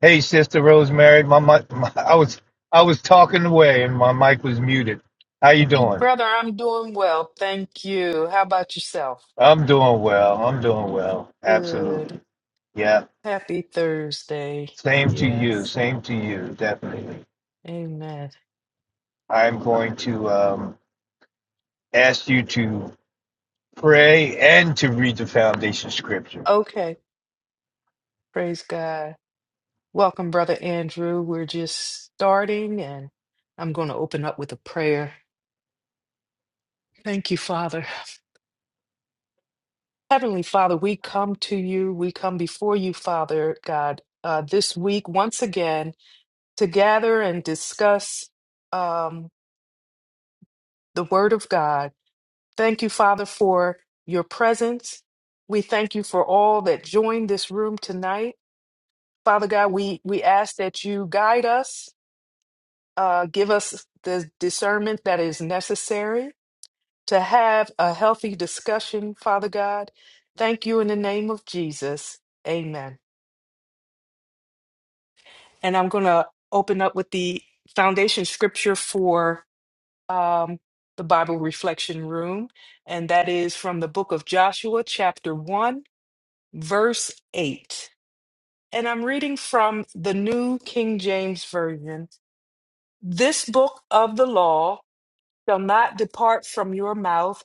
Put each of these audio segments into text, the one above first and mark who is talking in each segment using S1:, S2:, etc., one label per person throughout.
S1: Hey, Sister Rosemary, my, mi- my I was I was talking away and my mic was muted. How you
S2: Hey,
S1: doing?
S2: brother, I'm doing well. Thank you. How about yourself?
S1: I'm doing well. I'm doing well.
S2: Good.
S1: Absolutely. Yeah.
S2: Happy Thursday.
S1: Same to you.
S2: Yes.
S1: Same to you. Definitely.
S2: Amen.
S1: I'm
S2: Uh,
S1: going to um, ask you to pray and to read the foundation scripture.
S2: Okay. Praise God. Welcome, Brother Andrew. We're just starting, and I'm going to open up with a prayer. Thank you, Father. Heavenly Father, we come to you. We come before you, Father God, uh, this week once again to gather and discuss um, the Word of God. Thank you, Father, for your presence. We thank you for all that joined this room tonight. Father God, we, we ask that you guide us, uh, give us the discernment that is necessary to have a healthy discussion, Father God. Thank you in the name of Jesus. Amen. And I'm going to open up with the foundation scripture for um, the Bible Reflection Room, and that is from the book of Joshua, chapter 1 verse 8. And I'm reading from the New King James Version. This book of the law shall not depart from your mouth,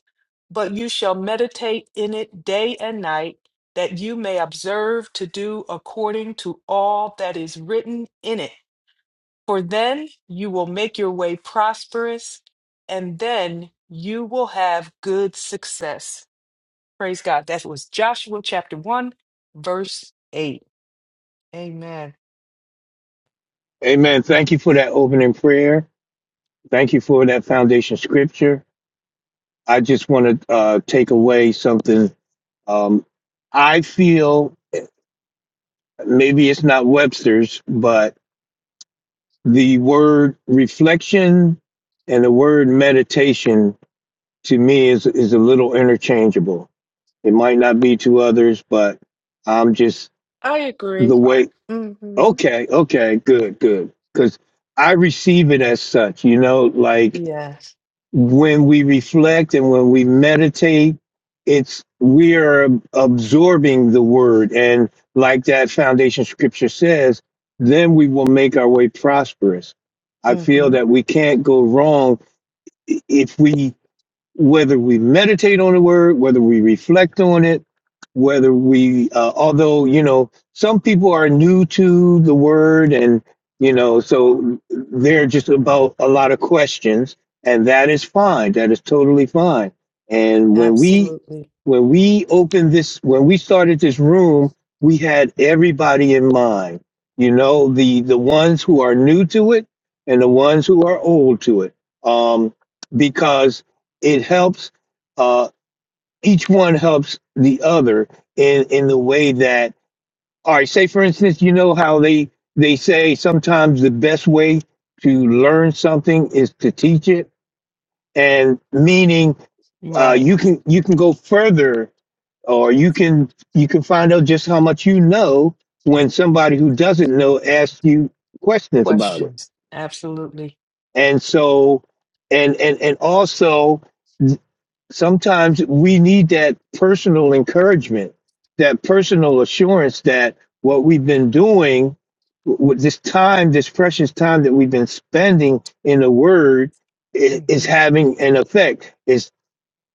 S2: but you shall meditate in it day and night, that you may observe to do according to all that is written in it. For then you will make your way prosperous, and then you will have good success. Praise God. That was Joshua chapter 1, verse 8. Amen.
S1: Amen. Thank you for that opening prayer. Thank you for that foundation scripture. I just want to uh, take away something. Um, I feel. maybe it's not Webster's, but the word reflection and the word meditation to me is is a little interchangeable. It might not be to others, but I'm just
S2: I agree.
S1: the way.
S2: Mm-hmm.
S1: Okay, okay, good, good, because I receive it as such. You know, like
S2: Yes.
S1: when we reflect and when we meditate, it's we are absorbing the word. And like that foundation scripture says, then we will make our way prosperous. I feel
S2: Mm-hmm.
S1: that we can't go wrong if we whether we meditate on the word, whether we reflect on it, whether we, uh, although, you know, some people are new to the word and, you know, so they're just about a lot of questions and that is fine. That is totally fine. And when we,
S2: Absolutely.
S1: when we opened this, when we started this room, we had everybody in mind, you know, the, the ones who are new to it and the ones who are old to it. Um, because it helps uh each one helps the other in in the way that all right say for instance you know how they they say sometimes the best way to learn something is to teach it and meaning uh
S2: Right.
S1: you can you can go further or you can you can find out just how much you know when somebody who doesn't know asks you questions about it
S2: Questions. Absolutely.
S1: and so and and and also sometimes we need that personal encouragement, that personal assurance that what we've been doing with this time, this precious time that we've been spending in the Word, i- is
S2: Mm-hmm.
S1: having an effect. It's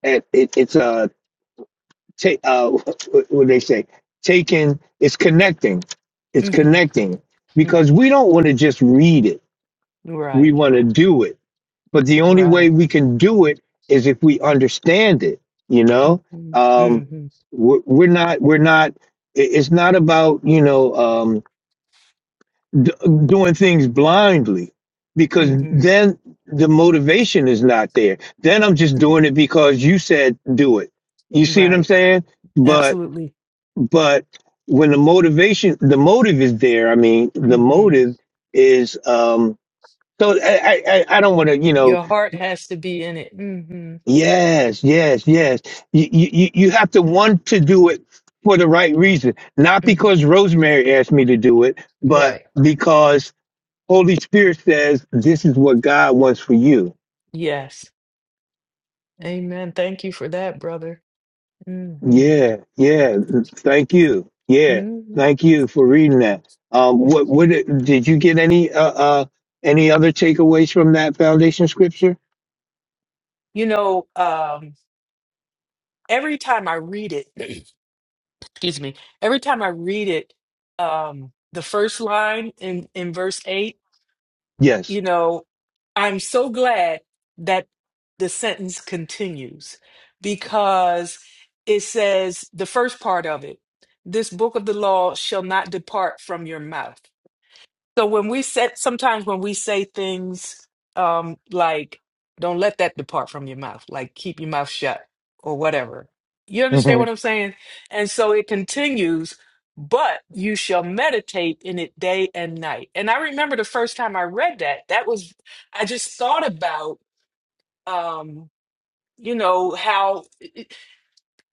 S1: it, it's uh, ta- uh what do they say taking. It's connecting. It's
S2: Mm-hmm.
S1: connecting because
S2: Mm-hmm.
S1: we don't want to just read it. We
S2: Right.
S1: want to do it but the only
S2: Right.
S1: way we can do it is if we understand it. You know,
S2: Mm-hmm.
S1: um,
S2: Mm-hmm.
S1: we're, we're not we're not. i- It's not about you know um, d- doing things blindly because
S2: Mm-hmm.
S1: then the motivation is not there. Then I'm just doing it because you said do it. You see what I'm
S2: Right.
S1: saying? But
S2: Absolutely.
S1: but when the motivation the motive is there, I mean the
S2: Mm-hmm.
S1: motive is um so I I, I I don't want to you know
S2: Your heart has to be in it. Mm-hmm.
S1: Yes, yes, yes. You, you you you have to want to do it for the right reason, not
S2: Mm-hmm.
S1: because Rosemary asked me to do it, but
S2: Right.
S1: because Holy Spirit says this is what God wants for you.
S2: Yes. Amen. Thank you for that, brother. Mm-hmm.
S1: Yeah, yeah. Thank you. Yeah,
S2: Mm-hmm.
S1: thank you for reading that. Um, what
S2: Mm-hmm.
S1: what did you get any uh, uh any other takeaways from that foundation scripture?
S2: You know, um, every time I read it, excuse me, every time I read it, um, the first line in, in verse eight,
S1: Yes.
S2: you know, I'm so glad that the sentence continues because it says the first part of it, this book of the law shall not depart from your mouth so when we said sometimes when we say things um like don't let that depart from your mouth, like keep your mouth shut or whatever. You understand
S1: hmm
S2: what I'm saying? And so it continues, but you shall meditate in it day and night. And I remember the first time I read that, that was I just thought about um you know how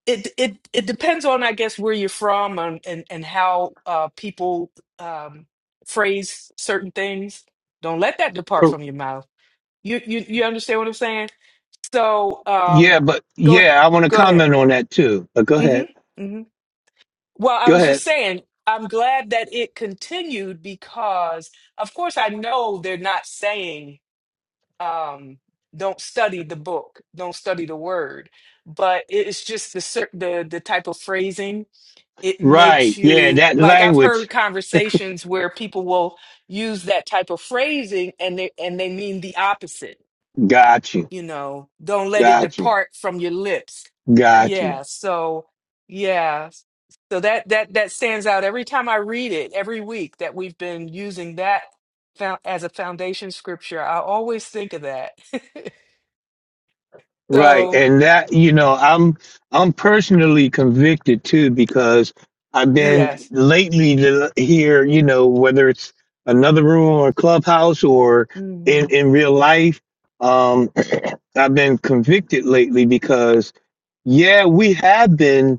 S2: it it it depends on I guess where you're from and and, and how uh, people um, phrase certain things. Don't let that depart from your mouth. You you you understand what I'm saying? So
S1: Yeah,
S2: um,
S1: but
S2: go ahead,
S1: yeah, I want to
S2: go ahead.
S1: comment on that too. But go
S2: hmm
S1: ahead.
S2: hmm Well, I
S1: Go
S2: was
S1: ahead.
S2: just saying. I'm glad that it continued because, of course, I know they're not saying um, don't study the book, don't study the word, but it's just the cer- the the type of phrasing it
S1: Right.
S2: makes
S1: Yeah,
S2: you
S1: that
S2: like I've
S1: language.
S2: heard conversations where people will use that type of phrasing and they and they mean the opposite,
S1: Got you.
S2: you know, don't let it
S1: Got you.
S2: depart from your lips.
S1: Got you.
S2: Yeah, so yeah. So that that that stands out every time I read it every week that we've been using that found as a foundation scripture. I always think of that.
S1: Right.
S2: so,
S1: And that, you know, I'm I'm personally convicted too because I've been
S2: yes.
S1: lately to here, you know, whether it's another room or clubhouse or in
S2: Mhm.
S1: in real life, um I've been convicted lately because yeah, we have been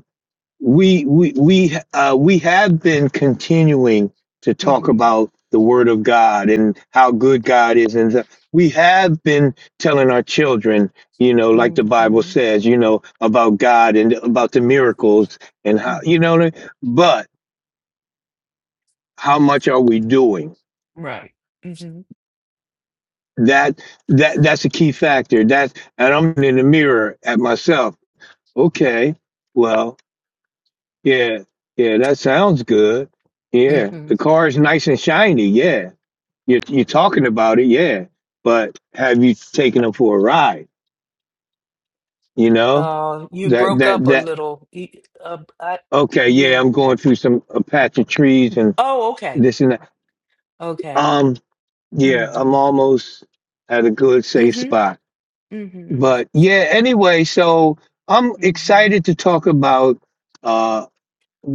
S1: we we we uh, we have been continuing to talk
S2: Mhm.
S1: about the Word of God and how good God is, and th- we have been telling our children, you know, like the Bible
S2: Mhm.
S1: says, you know, about God and about the miracles and how you
S2: Mhm.
S1: know. what I- But how much are we doing?
S2: Right. Mhm.
S1: That that that's a key factor. That's and I'm in the mirror at myself. Okay, well. Yeah, yeah, that sounds good. Yeah, the car is nice and shiny. Yeah, you're you're talking about it. Yeah, but have you taken them for a ride? You know
S2: Uh, you
S1: that
S2: broke
S1: that
S2: up a
S1: that.
S2: little. Y- Uh, I,
S1: Okay, yeah,
S2: yeah.
S1: I'm going through some a patch of trees and
S2: Oh, okay.
S1: this and that.
S2: Okay.
S1: Um, yeah, I'm
S2: Mm-hmm.
S1: almost at a good safe
S2: Mm-hmm.
S1: spot.
S2: Mm-hmm.
S1: But yeah, anyway, so I'm
S2: Mm-hmm.
S1: excited to talk about uh,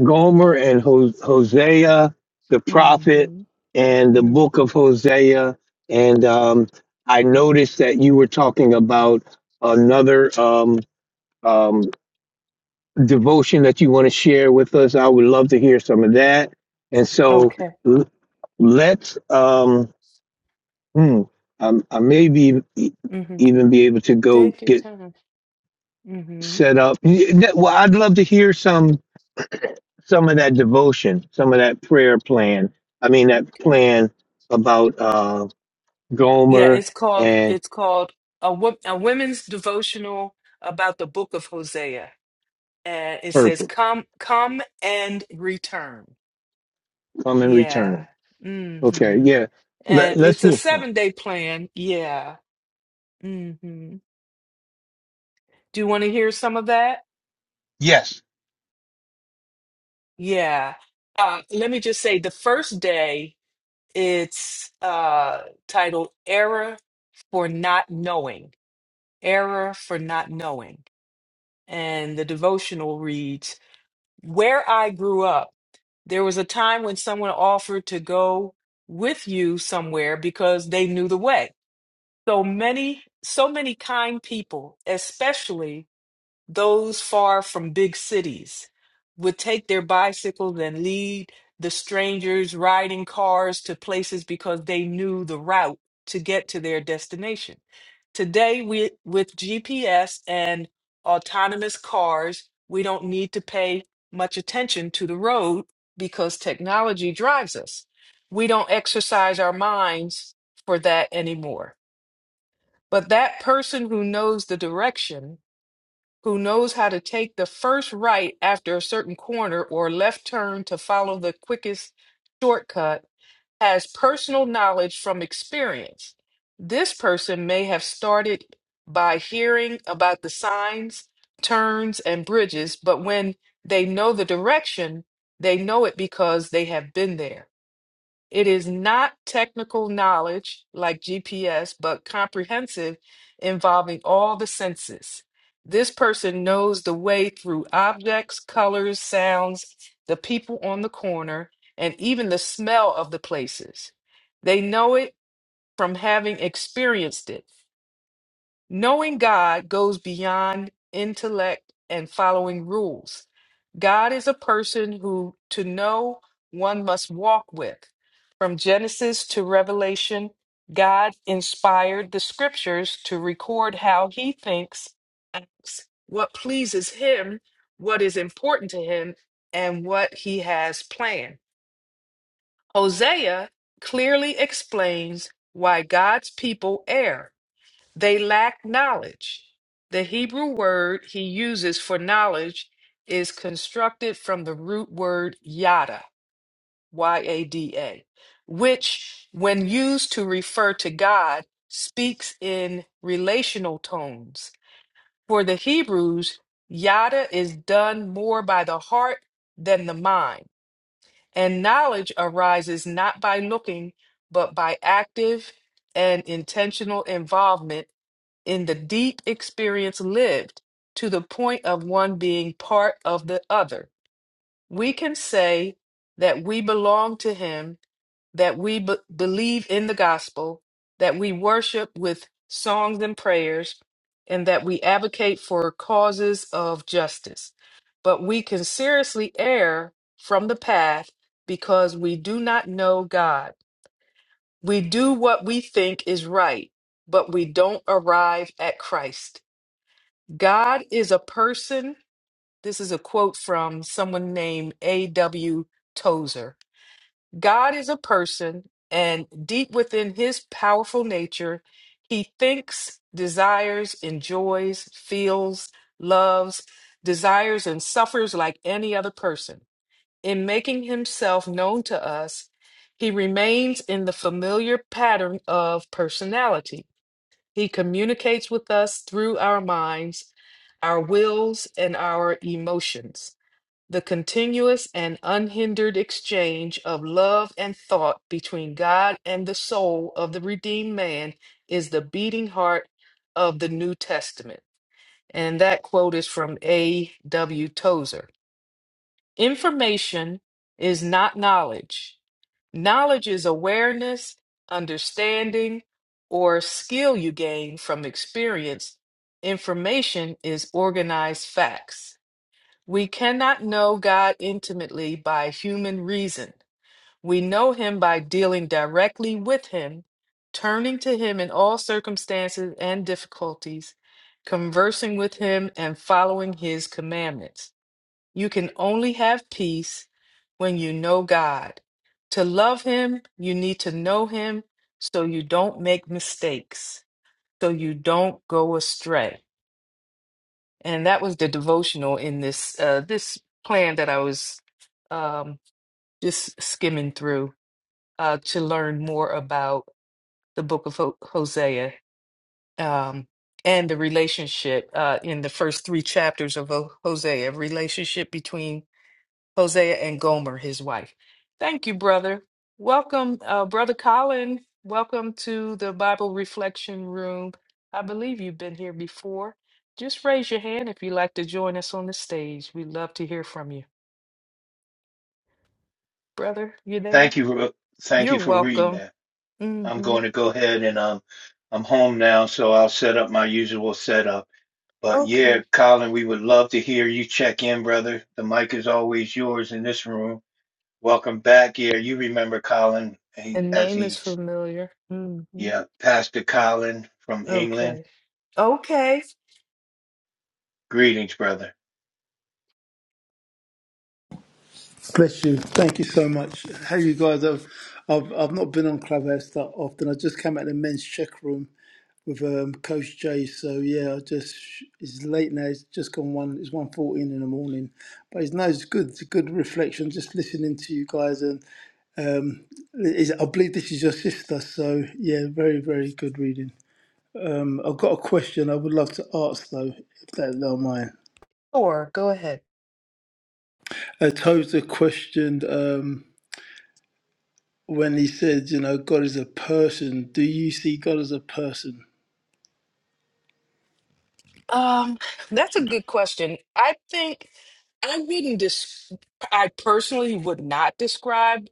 S1: Gomer and Ho- Hosea, the prophet,
S2: Mm-hmm.
S1: and the book
S2: Mm-hmm.
S1: of Hosea. And um, I noticed that you were talking about another um, um, devotion that you want to share with us. I would love to hear some of that. And so
S2: Okay.
S1: l- let's, um, hmm, um, I may be e-
S2: Mm-hmm.
S1: even be able to go
S2: Take your
S1: get
S2: time. Mm-hmm.
S1: set up. Y- that- Well, I'd love to hear some. some of that devotion, some of that prayer plan. I mean, that
S2: Okay.
S1: plan about uh,
S2: Yeah,
S1: Gomer
S2: it's called
S1: and
S2: it's called a wo- a women's devotional about the book of Hosea. And it says
S1: purple
S2: come come and return.
S1: come and
S2: Yeah.
S1: return. Okay,
S2: Mm-hmm.
S1: yeah. Let,
S2: And
S1: let's
S2: it's a
S1: hear some.
S2: seven day plan. Yeah. Mm-hmm. Do you want to hear some of that?
S1: Yes,
S2: Yeah. Uh, let me just say the first day, it's uh, titled Error for Not Knowing. Error for Not Knowing. And the devotional reads Where I grew up, there was a time when someone offered to go with you somewhere because they knew the way. So many, so many kind people, especially those far from big cities would take their bicycles and lead the strangers riding cars to places because they knew the route to get to their destination. Today, we, with GPS and autonomous cars, we don't need to pay much attention to the road because technology drives us. We don't exercise our minds for that anymore. But that person who knows the direction who knows how to take the first right after a certain corner or left turn to follow the quickest shortcut, has personal knowledge from experience. This person may have started by hearing about the signs, turns, and bridges, but when they know the direction, they know it because they have been there. It is not technical knowledge like GPS, but comprehensive, involving all the senses. This person knows the way through objects, colors, sounds, the people on the corner, and even the smell of the places. They know it from having experienced it. Knowing God goes beyond intellect and following rules. God is a person who to know one must walk with. From Genesis to Revelation, God inspired the scriptures to record how he thinks, acts, what pleases him, what is important to him, and what he has planned. Hosea clearly explains why God's people err they lack knowledge. The Hebrew word he uses for knowledge is constructed from the root word yada, Y A D A, which, when used to refer to God, speaks in relational tones. For the Hebrews, yada is done more by the heart than the mind, and knowledge arises not by looking, but by active and intentional involvement in the deep experience lived to the point of one being part of the other. We can say that we belong to Him, that we be- believe in the gospel, that we worship with songs and prayers, and that we advocate for causes of justice. But we can seriously err from the path because we do not know God. We do what we think is right, but we don't arrive at Christ. God is a person. This is a quote from someone named A.W. Tozer. God is a person, and deep within his powerful nature, he thinks, desires, enjoys, feels, loves, desires, and suffers like any other person. In making himself known to us, he remains in the familiar pattern of personality he communicates with us through our minds, our wills, and our emotions. The continuous and unhindered exchange of love and thought between God and the soul of the redeemed man is the beating heart of the New Testament. And that quote is from A.W. Tozer. Information is not knowledge. Knowledge is awareness, understanding, or skill you gain from experience. Information is organized facts. We cannot know God intimately by human reason. We know Him by dealing directly with Him, turning to Him in all circumstances and difficulties, conversing with Him, and following His commandments. You can only have peace when you know God. To love Him, you need to know Him so you don't make mistakes, so you don't go astray. And that was the devotional in this uh, this plan that I was um, just skimming through uh, to learn more about the book of Ho- Hosea um, and the relationship uh, in the first three chapters of Ho- Hosea, relationship between Hosea and Gomer, his wife. Thank you, brother. Welcome, uh, brother Colin. Welcome to the Bible Reflection Room. I believe you've been here before. Just raise your hand if you'd like to join us on the stage. We'd love to hear from you. Brother, you
S1: thank
S2: there?
S1: you. for- Thank
S2: You're
S1: you for reading
S2: welcome.
S1: that. I'm
S2: Mm-hmm.
S1: going to go ahead and um, I'm home now, so I'll set up my usual setup. But yeah,
S2: Okay.
S1: Colin, we would love to hear you check in, brother. The mic is always yours in this room. Welcome back. Yeah, you remember Colin
S2: The
S1: he, as
S2: name is
S1: he
S2: familiar. Mm-hmm.
S1: Yeah, Pastor Colin from England.
S2: Okay. Okay.
S1: Greetings, brother.
S3: Bless you. Thank you so much. How you guys? I've, I've, I've not been on Clubhouse that often. I just came out of the men's check room with um, Coach Jay. So yeah, I just it's late now. It's just gone one. It's one fourteen in the morning. But it's no, it's good. It's a good reflection. Just listening to you guys, and um, is, I believe this is your sister. So yeah, very very good reading. Um, I've got a question. I would love to ask though, if that's not mine.
S2: Or go ahead.
S3: Uh, Toza questioned. Um, when he said, you know, God is a person, do you see God as a person?
S2: Um, that's a good question. I think I wouldn't dis I personally would not describe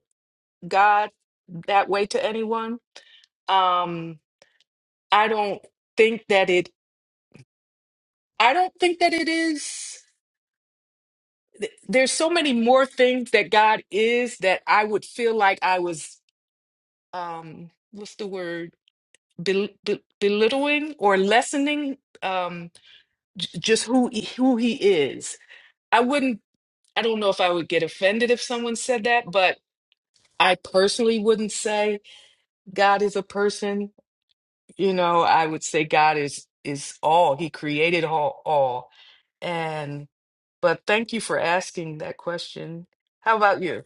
S2: God that way to anyone. Um, I don't think that it I don't think that it is th- there's so many more things that God is that I would feel like I was um what's the word Bel be belittling or lessening um j just who he- who he is. I wouldn't I don't know if I would get offended if someone said that, but I personally wouldn't say God is a person. You know, I would say God is is all. He created all, all. And but thank you for asking that question. How about you?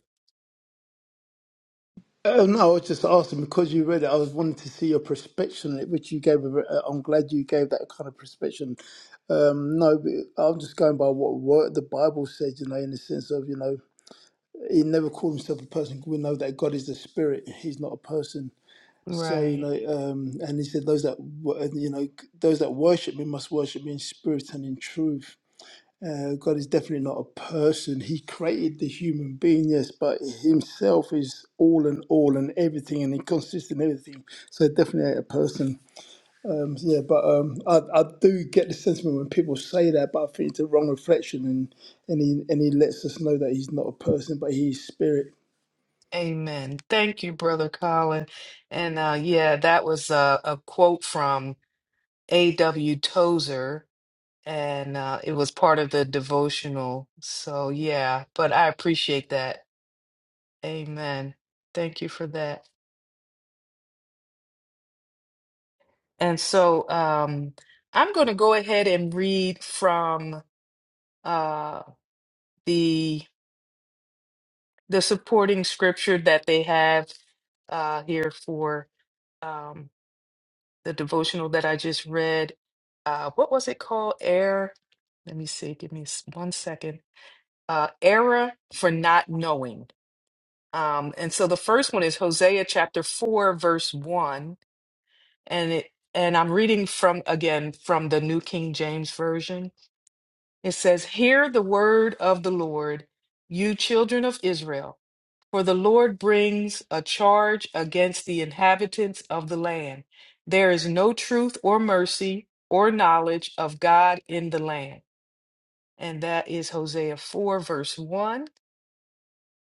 S3: Oh no, I was just asking because you read it. I was wanting to see your perspective on it, which you gave. a- uh, I'm glad you gave that kind of perspective. Um, no, but I'm just going by what word the Bible says. You know, in the sense of you know, he never called himself a person. We know that God is a spirit; he's not a person. So you know,
S2: Right.
S3: um, and he said, "Those that wo- you know, those that worship me must worship me in spirit and in truth." Uh, God is definitely not a person. He created the human being, yes, but himself is all and all and everything, and he consists in everything. So definitely a person. Um, yeah, but um, I, I do get the sentiment when people say that, but I think it's a wrong reflection, and and he and he lets us know that he's not a person, but he's spirit.
S2: Amen. Thank you, Brother Colin. And uh, yeah, that was uh, a quote from A.W. Tozer, and uh, it was part of the devotional. So yeah, but I appreciate that. Amen. Thank you for that. And so um, I'm going to go ahead and read from uh, the the supporting scripture that they have uh, here for um, the devotional that I just read. Uh, what was it called? Air. Let me see. Give me s- one second. Uh, error for not knowing. Um, and so the first one is Hosea chapter 4, verse 1. and it and I'm reading from again from the New King James Version. It says, "Hear the word of the Lord, you children of Israel, for the Lord brings a charge against the inhabitants of the land. There is no truth or mercy or knowledge of God in the land." And that is Hosea 4 verse 1,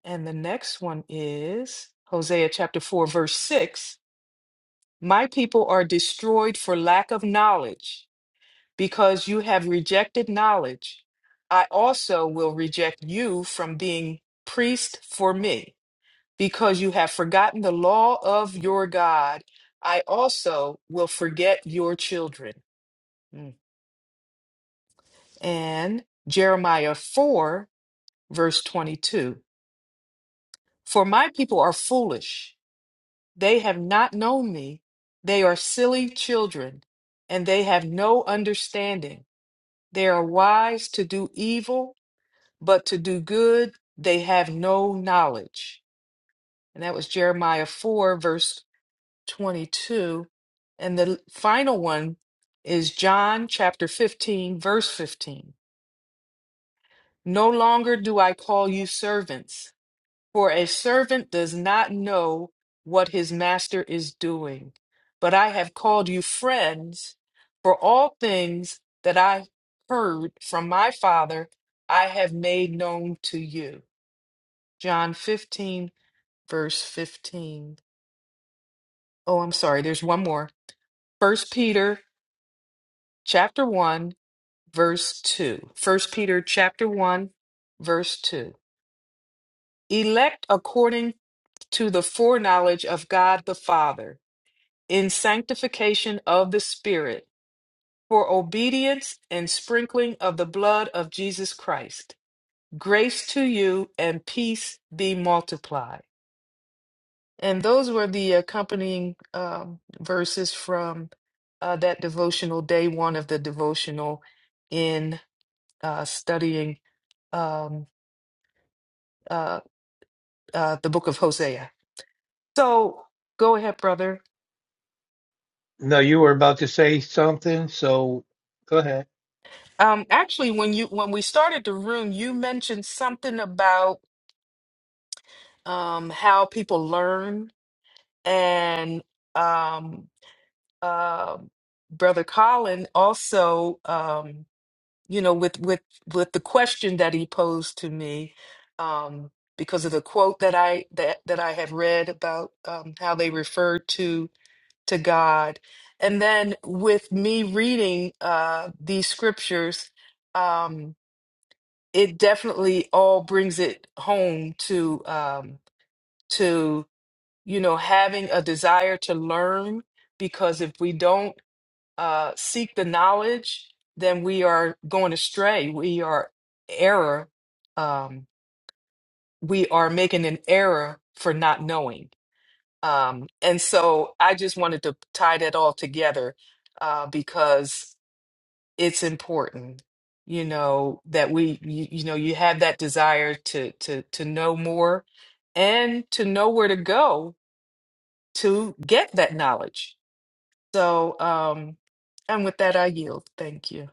S2: and the next one is Hosea chapter 4 verse 6. My people are destroyed for lack of knowledge. because you have rejected knowledge, I also will reject you from being priest for me. Because you have forgotten the law of your God, I also will forget your children. Mm. And Jeremiah 4, verse 22 For my people are foolish, they have not known me, they are silly children, and they have no understanding. They are wise to do evil but to do good they have no knowledge. And that was Jeremiah 4, verse 22. And the final one is John chapter 15, verse 15. No longer do I call you servants, for a servant does not know what his master is doing. But I have called you friends, for all things that I heard from my Father, I have made known to you. John 15, verse 15. Oh, I'm sorry, there's one more. First Peter chapter 1, verse 2. First Peter chapter 1, verse 2. Elect according to the foreknowledge of God the Father, in sanctification of the Spirit, for obedience and sprinkling of the blood of Jesus Christ. Grace to you and peace be multiplied. And those were the accompanying um, verses from uh, that devotional, day one of the devotional in uh, studying um, uh, uh, the book of Hosea. So go ahead, brother.
S1: No, you were about to say something, so go ahead.
S2: Um, actually, when you when we started the room, you mentioned something about um, how people learn, and um, uh, brother Colin also. Um, you know with with with the question that he posed to me um because of the quote that i that that i had read about um how they referred to to god and then with me reading uh these scriptures um it definitely all brings it home to um to you know having a desire to learn because if we don't uh, seek the knowledge, then we are going astray. We are error. Um, we are making an error for not knowing. Um, and so I just wanted to tie that all together uh, because it's important, you know, that we, you, you know, you have that desire to to to know more and to know where to go to get that knowledge. So, um, and with that, I yield. Thank you.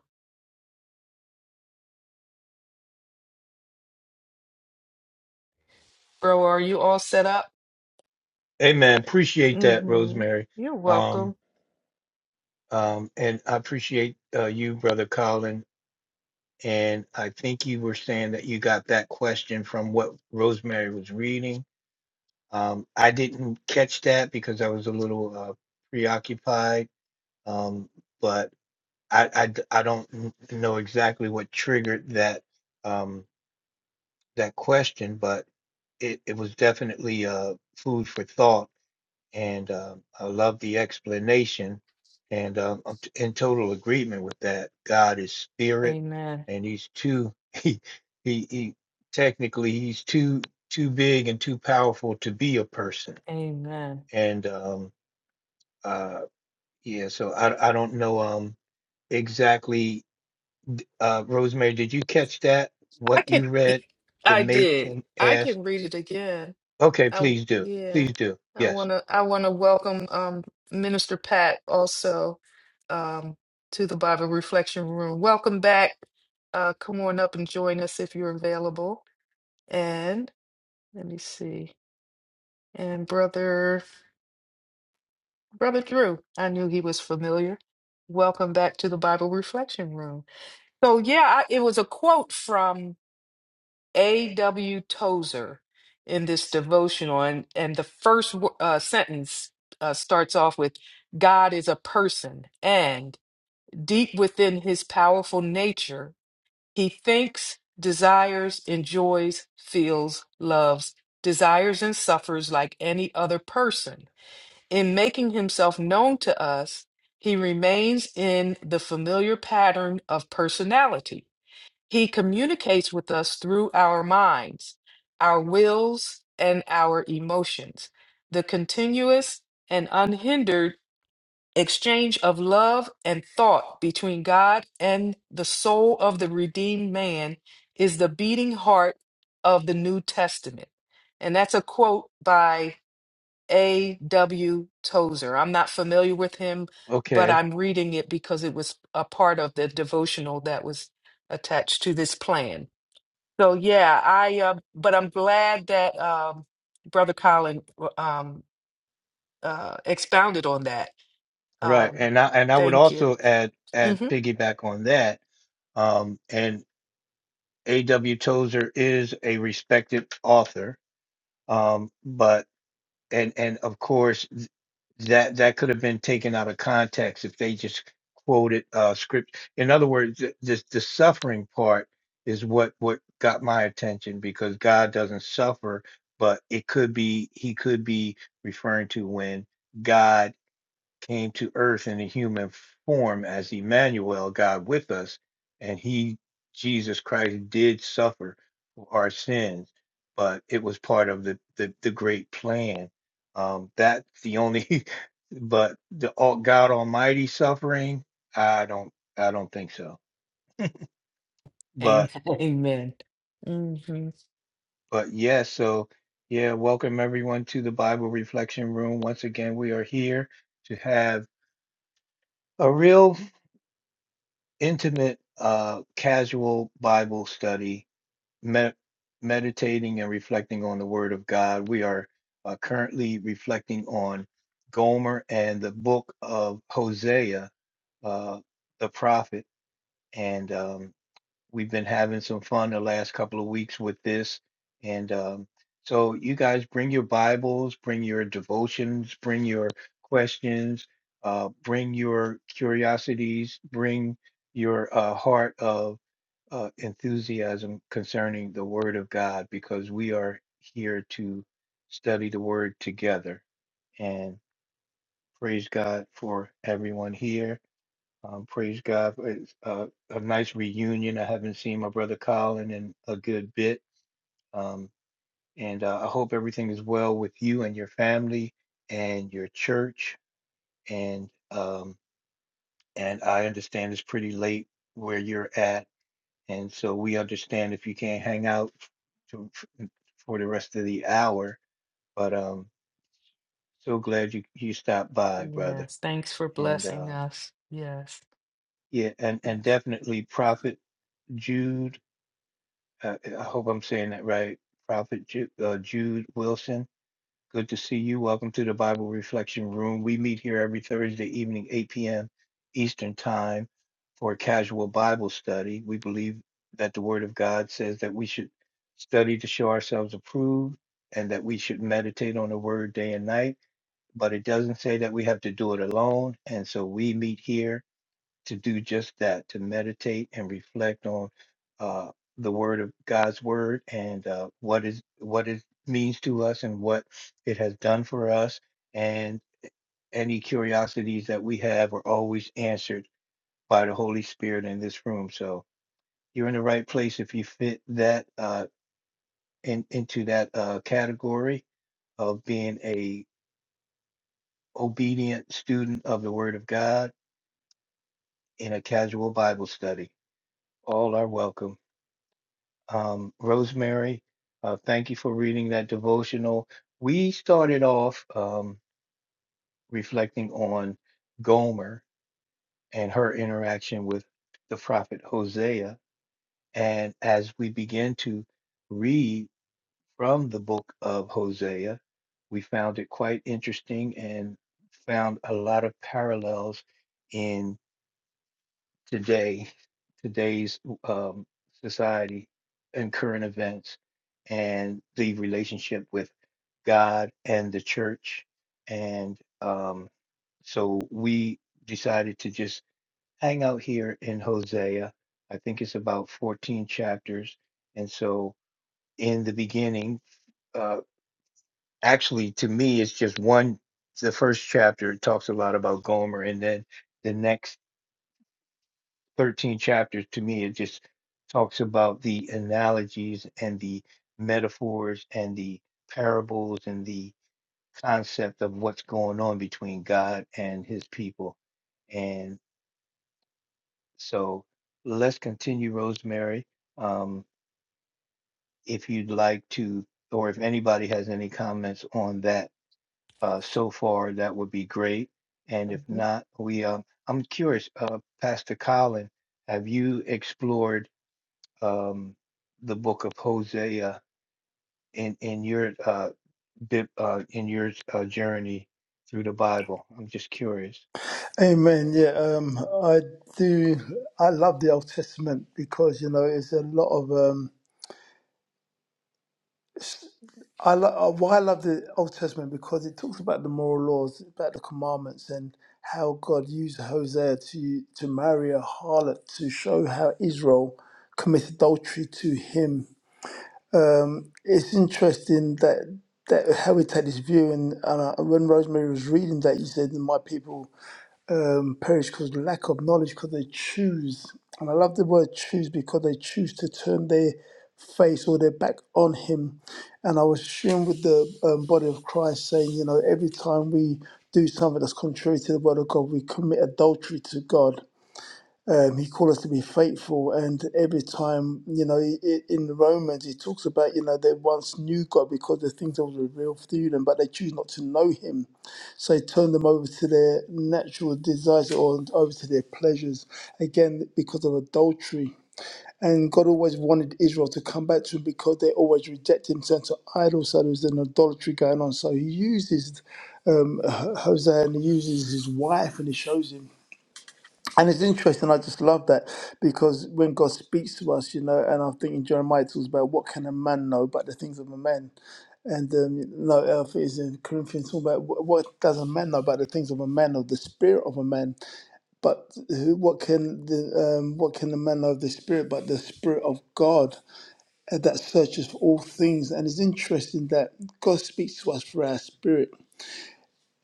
S2: Bro, are you all set up?
S1: Amen. Appreciate that,
S2: hmm
S1: Rosemary.
S2: You're
S1: Um,
S2: welcome.
S1: um, and I appreciate uh, you, Brother Colin. And I think you were saying that you got that question from what Rosemary was reading. Um, I didn't catch that because I was a little uh, preoccupied. Um, but I, I d- I don't n- know exactly what triggered that um, that question, but it, it was definitely uh, food for thought. And um I love the explanation. And um, I'm t- in total agreement with that. God is spirit,
S2: Amen.
S1: and he's too he he, he technically he's too too big and too powerful to be a person.
S2: Amen.
S1: And um, uh, yeah, so I I don't know um exactly. Uh, Rosemary, did you catch that?
S2: I
S1: What
S2: can,
S1: you read to
S2: I
S1: make
S2: did.
S1: him
S2: I
S1: ask
S2: can read it again.
S1: Okay,
S2: I,
S1: please do.
S2: yeah.
S1: Please do.
S2: I
S1: Yes.
S2: want to, I want to welcome um, Minister Pat also um, to the Bible Reflection Room. Welcome back. Uh, come on up and join us if you're available. And let me see. And brother, brother Drew, I knew he was familiar. Welcome back to the Bible Reflection Room. So yeah, I, it was a quote from A.W. Tozer in this devotional, and and the first wo- uh, sentence uh, starts off with God is a person, and deep within his powerful nature, he thinks, desires, enjoys, feels, loves, desires, and suffers like any other person. In making himself known to us, he remains in the familiar pattern of personality he communicates with us through our minds, our wills, and our emotions. The continuous and unhindered exchange of love and thought between God and the soul of the redeemed man is the beating heart of the New Testament. And that's a quote by A.W. Tozer. I'm not familiar with him, but
S1: Okay.
S2: I'm reading it because it was a part of the devotional that was attached to this plan. So yeah, I uh, but I'm glad that um, Brother Colin um, uh, expounded on that.
S1: Right.
S2: Um,
S1: And I and I would
S2: thank you.
S1: also add add
S2: hmm
S1: piggyback on that. Um, and A.W. Tozer is a respected author. Um, but and and of course that that could have been taken out of context if they just quoted uh script in other words th- this the suffering part is what what got my attention because god doesn't suffer but it could be he could be referring to when god came to earth in a human form as Emmanuel, God with us, and he, Jesus Christ, did suffer for our sins, but it was part of the the, the great plan. Um, that's the only, but the all God Almighty suffering, I don't, I don't think so.
S2: Amen.
S1: But
S2: Amen. hmm
S1: but yeah, so yeah, welcome everyone to the Bible Reflection Room once again. We are here to have. a real. intimate, uh, casual Bible study, med- meditating and reflecting on the Word of God. We are uh, currently reflecting on Gomer and the book of Hosea, uh, the prophet. And um, we've been having some fun the last couple of weeks with this. And um, so you guys bring your Bibles, bring your devotions, bring your questions, uh, bring your curiosities, bring your uh, heart of uh, enthusiasm concerning the Word of God, because we are here to study the Word together. And praise God for everyone here. Um, praise God. It's uh, a nice reunion. I haven't seen my brother Colin in a good bit. Um, and uh, I hope everything is well with you and your family and your church. And um, and I understand it's pretty late where you're at, and so we understand if you can't hang out to, f- for the rest of the hour. But um, so glad you you stopped by, brother.
S2: Yes. Thanks for
S1: And
S2: blessing
S1: um,
S2: us. Yes.
S1: yeah, and and definitely Prophet Jude. uh, eh, I hope I'm saying that right. Prophet Ju- uh, Jude Wilson, good to see you. Welcome to the Bible Reflection Room. We meet here every Thursday evening, 8 p.m. Eastern Time, for a casual Bible study. We believe that the Word of God says that we should study to show ourselves approved and that we should meditate on the Word day and night. But it doesn't say that we have to do it alone. And so we meet here to do just that, to meditate and reflect on uh, the word of God's word and uh, what is what it means to us and what it has done for us. And any curiosities that we have are always answered by the Holy Spirit in this room. So you're in the right place if you fit that uh, in, into that uh, category of being a obedient student of the word of God in a casual Bible study. All are welcome. um, Rosemary. Uh, thank you for reading that devotional. We started off um, reflecting on Gomer and her interaction with the prophet Hosea. And as we begin to read from the book of Hosea, we found it quite interesting and found a lot of parallels in. today, today's um, society and current events and the relationship with God and the church. And um, so we decided to just hang out here in Hosea. I think it's about 14 chapters. And so in the beginning, uh, actually, to me, it's just one, the first chapter, it talks a lot about Gomer. And then the next 13 chapters to me it just talks about the analogies and the metaphors and the parables and the concept of what's going on between god and his people and so let's continue rosemary um, if you'd like to or if anybody has any comments on that uh, so far that would be great and if
S2: hmm
S1: not we um, i'm curious uh, pastor colin have you explored um, the book of Hosea in in your uh, bib, uh, in your uh, journey through the Bible? I'm just curious.
S3: Amen. Yeah, um, I do. I love the Old Testament because you know it's a lot of um, I lo- uh, why I love the Old Testament because it talks about the moral laws, about the commandments, and how God used Hosea to to marry a harlot to show how Israel commits adultery to him. Um, it's interesting that that how we take this view, and, and I, when Rosemary was reading that, you said, "My people." um, perish because of lack of knowledge because they choose. And I love the word choose because they choose to turn their face or their back on him. And I was sharing with the um, body of Christ saying, you know, every time we do something that's contrary to the word of God, we commit adultery to God. Um, he called us to be faithful, and every time, you know, i- i- in Romans, he talks about, you know, they once knew God because the things that was revealed through them, but they choose not to know Him. So he turned them over to their natural desires or over to their pleasures, again, because of adultery. And God always wanted Israel to come back to him because they always rejected him, turned to idols. So there was an adultery going on. So he uses um, H- Hosea and he uses his wife and he shows him. And it's interesting, I just love that because when God speaks to us, you know, and I'm thinking Jeremiah talks about what can a man know but the things of a man? And um, you know, uh, is in Corinthians talking about wh- what does a man know about the things of a man of the spirit of a man? But who, what can the um, what can the man know of the spirit but the spirit of God uh, that searches for all things? And it's interesting that God speaks to us through our spirit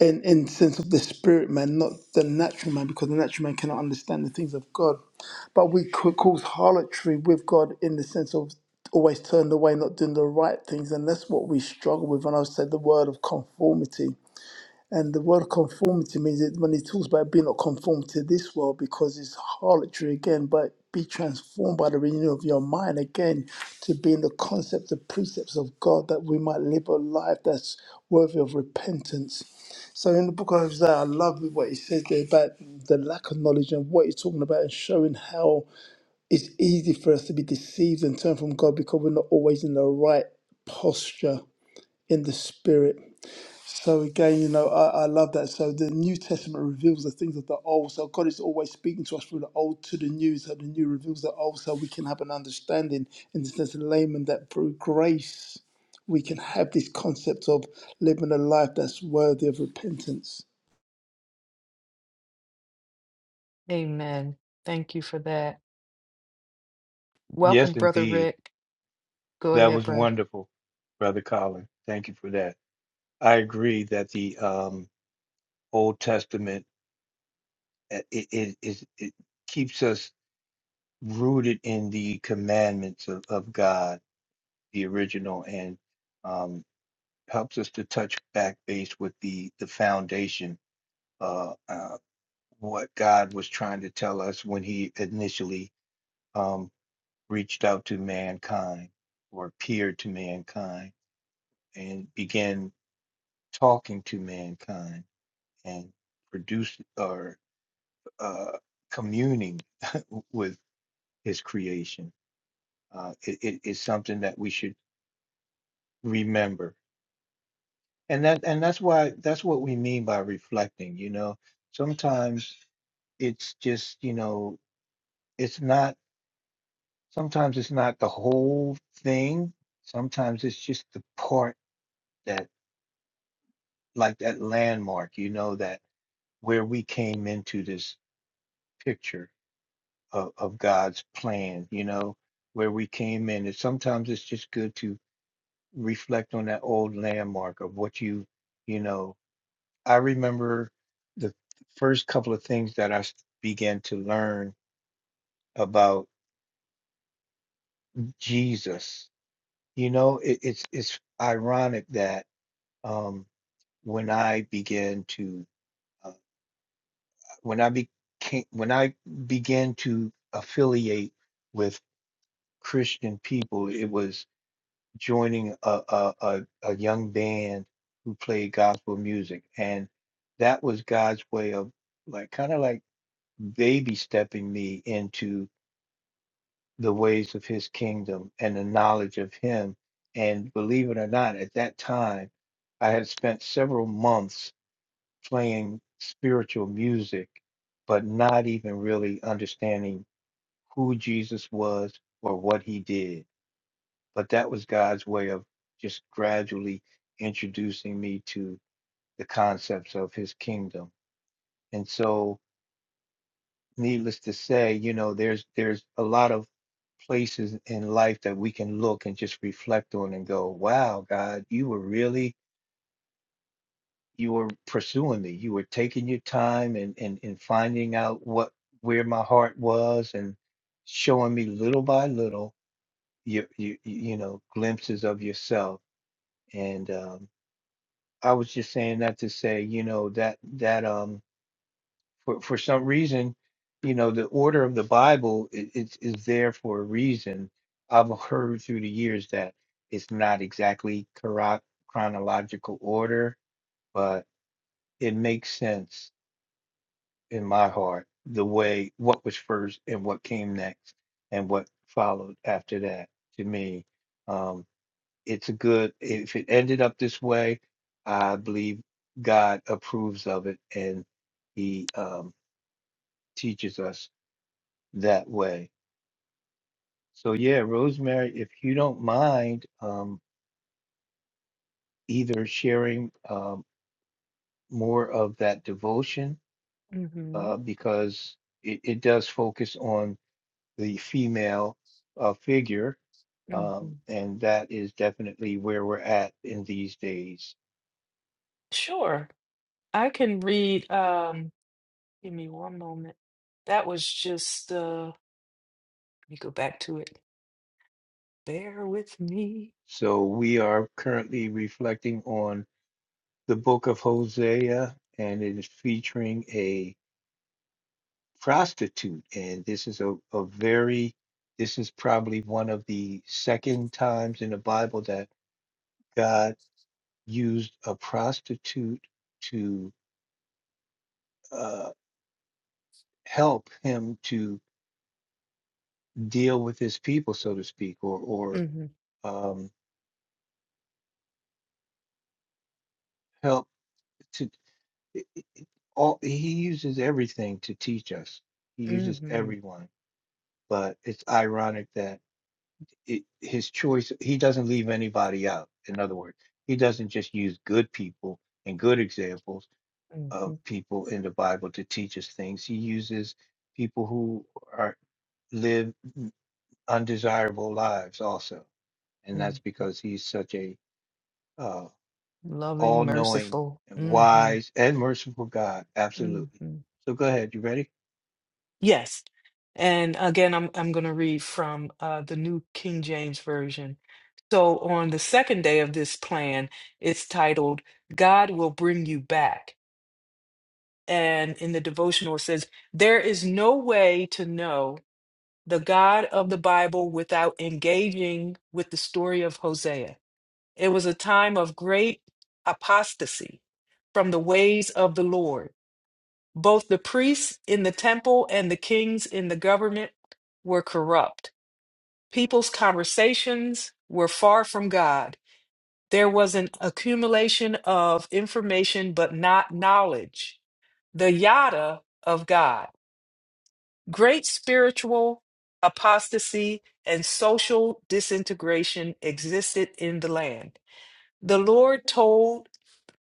S3: in in sense of the spirit man, not the natural man, because the natural man cannot understand the things of God. But we could cause harlotry with God in the sense of always turned away, not doing the right things, and that's what we struggle with. And I said the word of conformity. And the word conformity means that when it talks about being not conformed to this world, because it's harlotry again, but be transformed by the renewal of your mind again to be in the concept, the precepts of God, that we might live a life that's worthy of repentance. So in the book of Hosea, I love what he says there about the lack of knowledge and what he's talking about and showing how it's easy for us to be deceived and turn from God because we're not always in the right posture in the spirit. So again, you know, I, I love that. So the New Testament reveals the things of the old. So God is always speaking to us through the old to the new. So the new reveals the old, so we can have an understanding in the sense of layman that through grace we can have this concept of living a life that's worthy of repentance.
S2: Amen. Thank you for that.
S1: Yes,
S2: Welcome, Brother
S1: indeed,
S2: Rick. Go
S1: that
S2: ahead,
S1: was
S2: brother.
S1: wonderful, Brother Colin. Thank you for that. I agree that the um, Old Testament uh, it, it is it keeps us rooted in the commandments of, of God, the original, and um, helps us to touch back base with the the foundation. Uh, uh, what God was trying to tell us when he initially um, reached out to mankind or appeared to mankind and began talking to mankind and produced or uh, communing with his creation. Uh, it, it is something that we should remember. And that and that's why that's what we mean by reflecting, you know. Sometimes it's just, you know, it's not Sometimes it's not the whole thing. Sometimes it's just the part that, like that landmark, you know, that where we came into this picture of, of God's plan, you know, where we came in. And sometimes it's just good to reflect on that old landmark of what you, you know, I remember the first couple of things that I s- began to learn about Jesus. You know, it, it's it's ironic that. um, when I began to uh, when I became when I began to affiliate with Christian people, it was joining a a, a, a young band who played gospel music, and that was God's way of like kind of like baby stepping me into the ways of His kingdom and the knowledge of Him. And believe it or not, at that time, I had spent several months playing spiritual music, but not even really understanding who Jesus was or what he did. But that was God's way of just gradually introducing me to the concepts of his kingdom. And so, needless to say, you know, there's there's a lot of places in life that we can look and just reflect on and go, wow, God, you were really you were pursuing me. You were taking your time and and and finding out what where my heart was and showing me little by little you you you know glimpses of yourself. And um, I was just saying that to say, you know, that that um for for some reason, you know, the order of the Bible i- is is there for a reason. I've heard through the years that it's not exactly choro- chronological order, but it makes sense in my heart the way what was first and what came next and what followed after that to me um it's a good if it ended up this way i believe god approves of it and he um teaches us that way so yeah rosemary if you don't mind um either sharing um more of that devotion
S2: hmm
S1: uh because it, it does focus on the female uh, figure.
S2: hmm
S1: Um, and that is definitely where we're at in these days.
S2: Sure. I can read. Um, give me one moment. That was just. Uh, let me go back to it. Bear with me.
S1: So we are currently reflecting on the book of Hosea, and it is featuring a prostitute. And this is a, a very, this is probably one of the second times in the Bible that God used a prostitute to uh, help him to deal with his people, so to speak, or, or
S2: hmm
S1: um, help to i- i- i- all he uses everything to teach us. He
S2: hmm
S1: uses everyone, but it's ironic that it, his choice he doesn't leave anybody out. In other words, he doesn't just use good people and good examples
S2: hmm
S1: of people in the Bible to teach us things. He uses people who are live undesirable lives also, and that's
S2: hmm
S1: because he's such a uh, all
S2: Loving,
S1: knowing
S2: merciful.
S1: and
S2: hmm
S1: wise and merciful God.
S2: hmm
S1: Absolutely. So go ahead. You ready?
S2: Yes. And again, I'm I'm going to read from uh, the New King James Version. So on the second day of this plan, it's titled "God Will Bring You Back," and in the devotional it says, "There is no way to know the God of the Bible without engaging with the story of Hosea." It was a time of great apostasy from the ways of the Lord. Both the priests in the temple and the kings in the government were corrupt. People's conversations were far from God. There was an accumulation of information, but not knowledge. The yada of God. Great spiritual apostasy and social disintegration existed in the land. The Lord told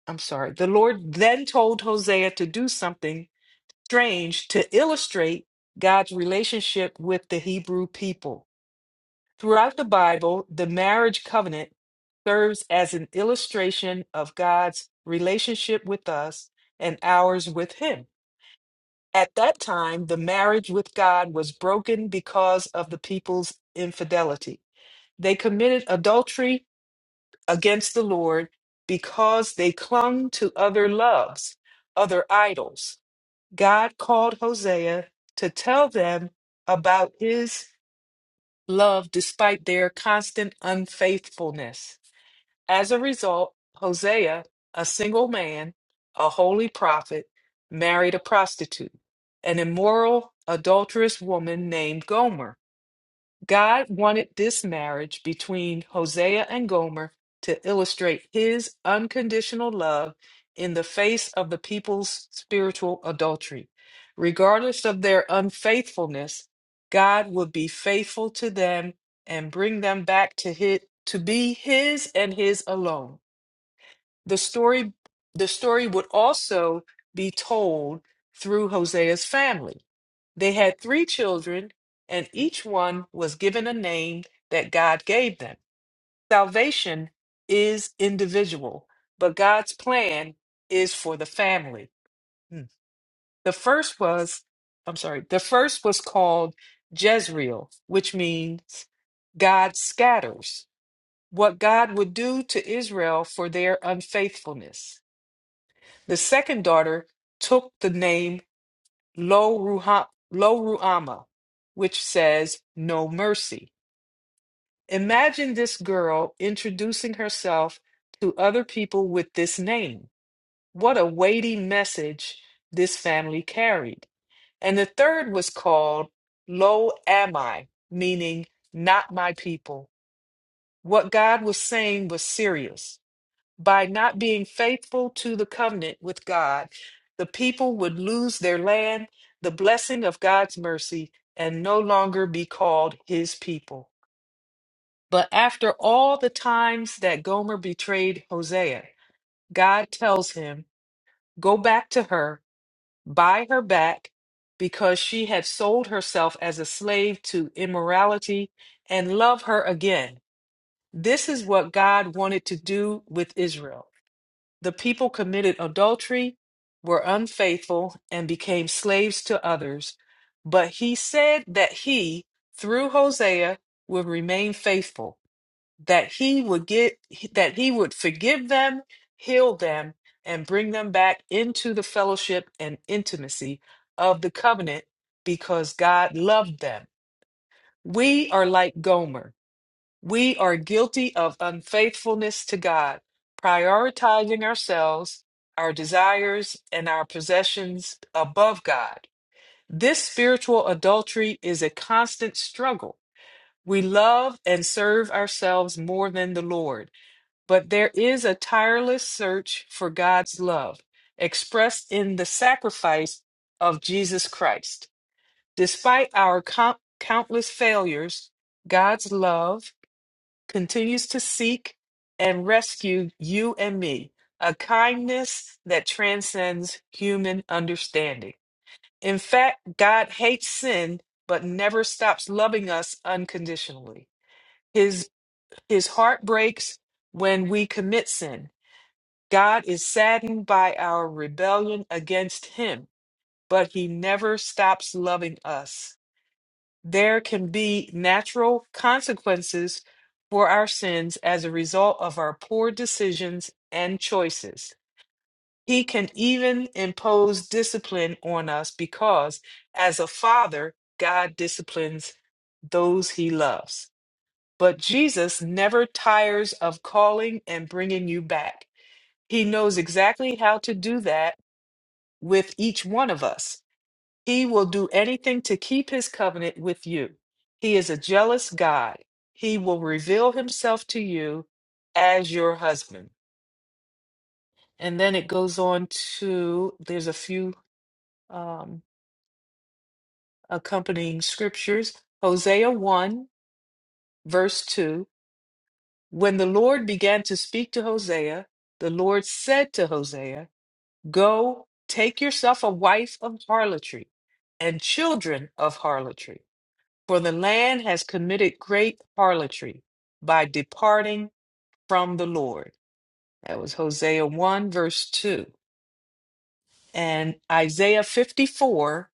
S2: I'm sorry. The Lord then told Hosea to do something strange to illustrate God's relationship with the Hebrew people. Throughout the Bible, the marriage covenant serves as an illustration of God's relationship with us and ours with Him. At that time, the marriage with God was broken because of the people's infidelity. They committed adultery against the Lord because they clung to other loves, other idols. God called Hosea to tell them about his love despite their constant unfaithfulness. As a result, Hosea, a single man, a holy prophet, married a prostitute, an immoral, adulterous woman named Gomer. God wanted this marriage between Hosea and Gomer to illustrate his unconditional love in the face of the people's spiritual adultery. Regardless of their unfaithfulness, God would be faithful to them and bring them back to his, to be his and his alone. The story the story would also be told through Hosea's family. They had three children, and each one was given a name that God gave them. Salvation is individual, but God's plan is for the family. Hmm. The first was, I'm sorry, the first was called Jezreel, which means God scatters, what God would do to Israel for their unfaithfulness. The second daughter took the name Lo Ruha, Lo Ruama, which says no mercy. Imagine this girl introducing herself to other people with this name. What a weighty message this family carried. And the third was called Lo Am meaning not my people. What God was saying was serious by not being faithful to the covenant with God, the people would lose their land, the blessing of God's mercy, and no longer be called his people. But after all the times that Gomer betrayed Hosea, God tells him, Go back to her, buy her back, because she had sold herself as a slave to immorality, and love her again. This is what God wanted to do with Israel. The people committed adultery, were unfaithful, and became slaves to others. But he said that he, through Hosea, would remain faithful, that he would get that he would forgive them, heal them, and bring them back into the fellowship and intimacy of the covenant because God loved them. We are like Gomer we are guilty of unfaithfulness to God, prioritizing ourselves, our desires, and our possessions above God. This spiritual adultery is a constant struggle. We love and serve ourselves more than the Lord, but there is a tireless search for God's love, expressed in the sacrifice of Jesus Christ. Despite our count- countless failures, God's love continues to seek and rescue you and me, a kindness that transcends human understanding. In fact, God hates sin but never stops loving us unconditionally. His his heart breaks when we commit sin. God is saddened by our rebellion against him, but he never stops loving us. There can be natural consequences for our sins as a result of our poor decisions and choices. He can even impose discipline on us because, as a father, God disciplines those he loves. But Jesus never tires of calling and bringing you back. He knows exactly how to do that with each one of us. He will do anything to keep his covenant with you. He is a jealous God. He will reveal himself to you as your husband. And then it goes on to there's a few um, accompanying scriptures. Hosea 1, verse 2. When the Lord began to speak to Hosea, the Lord said to Hosea, Go, take yourself a wife of harlotry and children of harlotry. For the land has committed great harlotry by departing from the Lord. That was Hosea 1, verse 2. And Isaiah 54,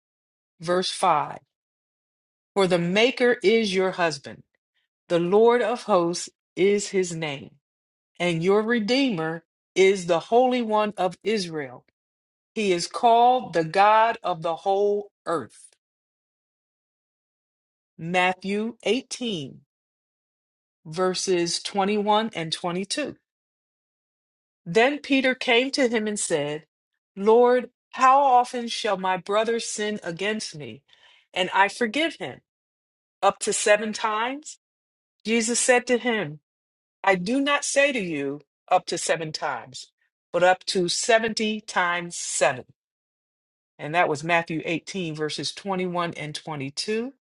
S2: verse 5. For the Maker is your husband, the Lord of hosts is his name, and your Redeemer is the Holy One of Israel. He is called the God of the whole earth. Matthew 18, verses 21 and 22. Then Peter came to him and said, Lord, how often shall my brother sin against me, and I forgive him? Up to seven times? Jesus said to him, I do not say to you, up to seven times, but up to 70 times seven. And that was Matthew 18, verses 21 and 22.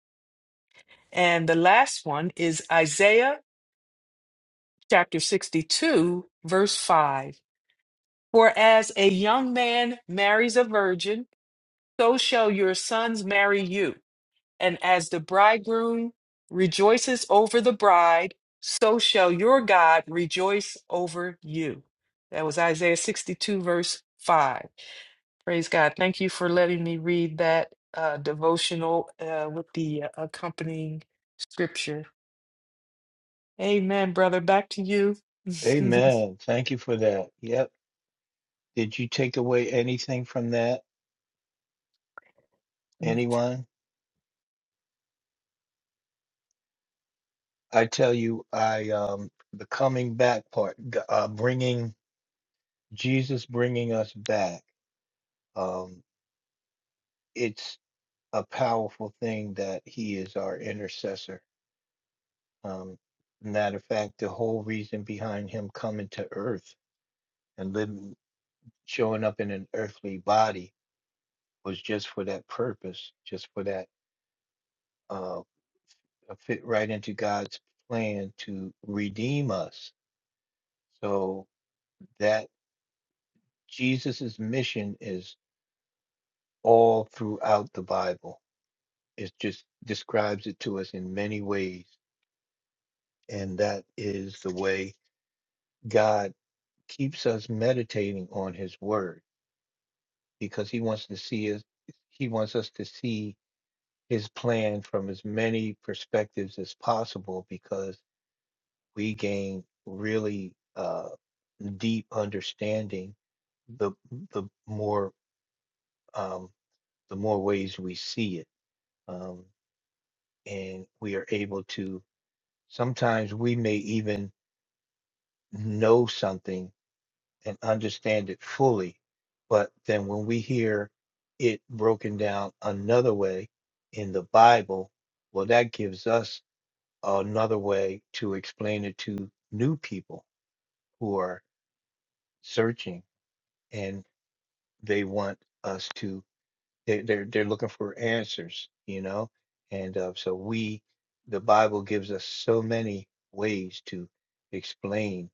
S2: And the last one is Isaiah chapter 62, verse 5. For as a young man marries a virgin, so shall your sons marry you. And as the bridegroom rejoices over the bride, so shall your God rejoice over you. That was Isaiah 62, verse 5. Praise God. Thank you for letting me read that uh, devotional uh, with the uh, accompanying scripture. Amen, brother. Back to you.
S1: Amen. Thank you for that. Yep. Did you take away anything from that? Anyone? I tell you, I, um, the coming back part, g- uh, bringing Jesus, bringing us back. Um, it's a powerful thing that he is our intercessor. Um, matter of fact, the whole reason behind him coming to earth and living, showing up in an earthly body was just for that purpose, just for that uh uh, fit right into God's plan to redeem us. So that Jesus's mission is all throughout the Bible. It just describes it to us in many ways. And that is the way God keeps us meditating on his word because he wants to see us he wants us to see his plan from as many perspectives as possible because we gain really uh, deep understanding the the more um, the more ways we see it, um, and we are able to. Sometimes we may even know something and understand it fully, but then when we hear it broken down another way in the Bible, well, that gives us another way to explain it to new people who are searching. and. they want us to they, they're they're looking for answers you know and uh, so we the bible gives us so many ways to explain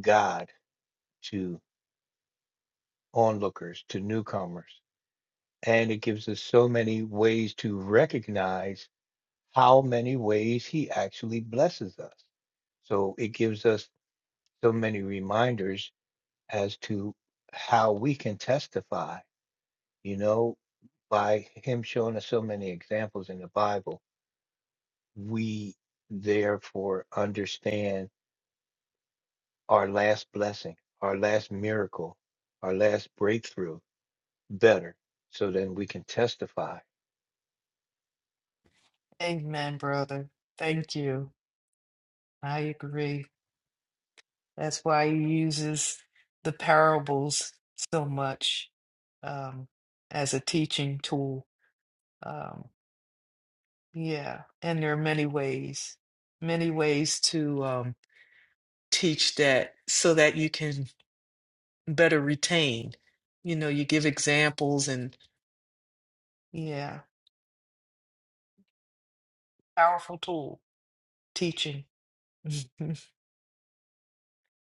S1: god to onlookers to newcomers and it gives us so many ways to recognize how many ways he actually blesses us so it gives us so many reminders as to how we can testify you know by him showing us so many examples in the Bible, we therefore understand our last blessing, our last miracle, our last breakthrough better. So then we can testify.
S2: Amen, brother. Thank you. I agree. That's why he uses the parables so much um, as a teaching tool. Um, yeah, and there are many ways, many ways to um, teach that so that you can better retain. You know, you give examples and yeah, powerful tool, teaching.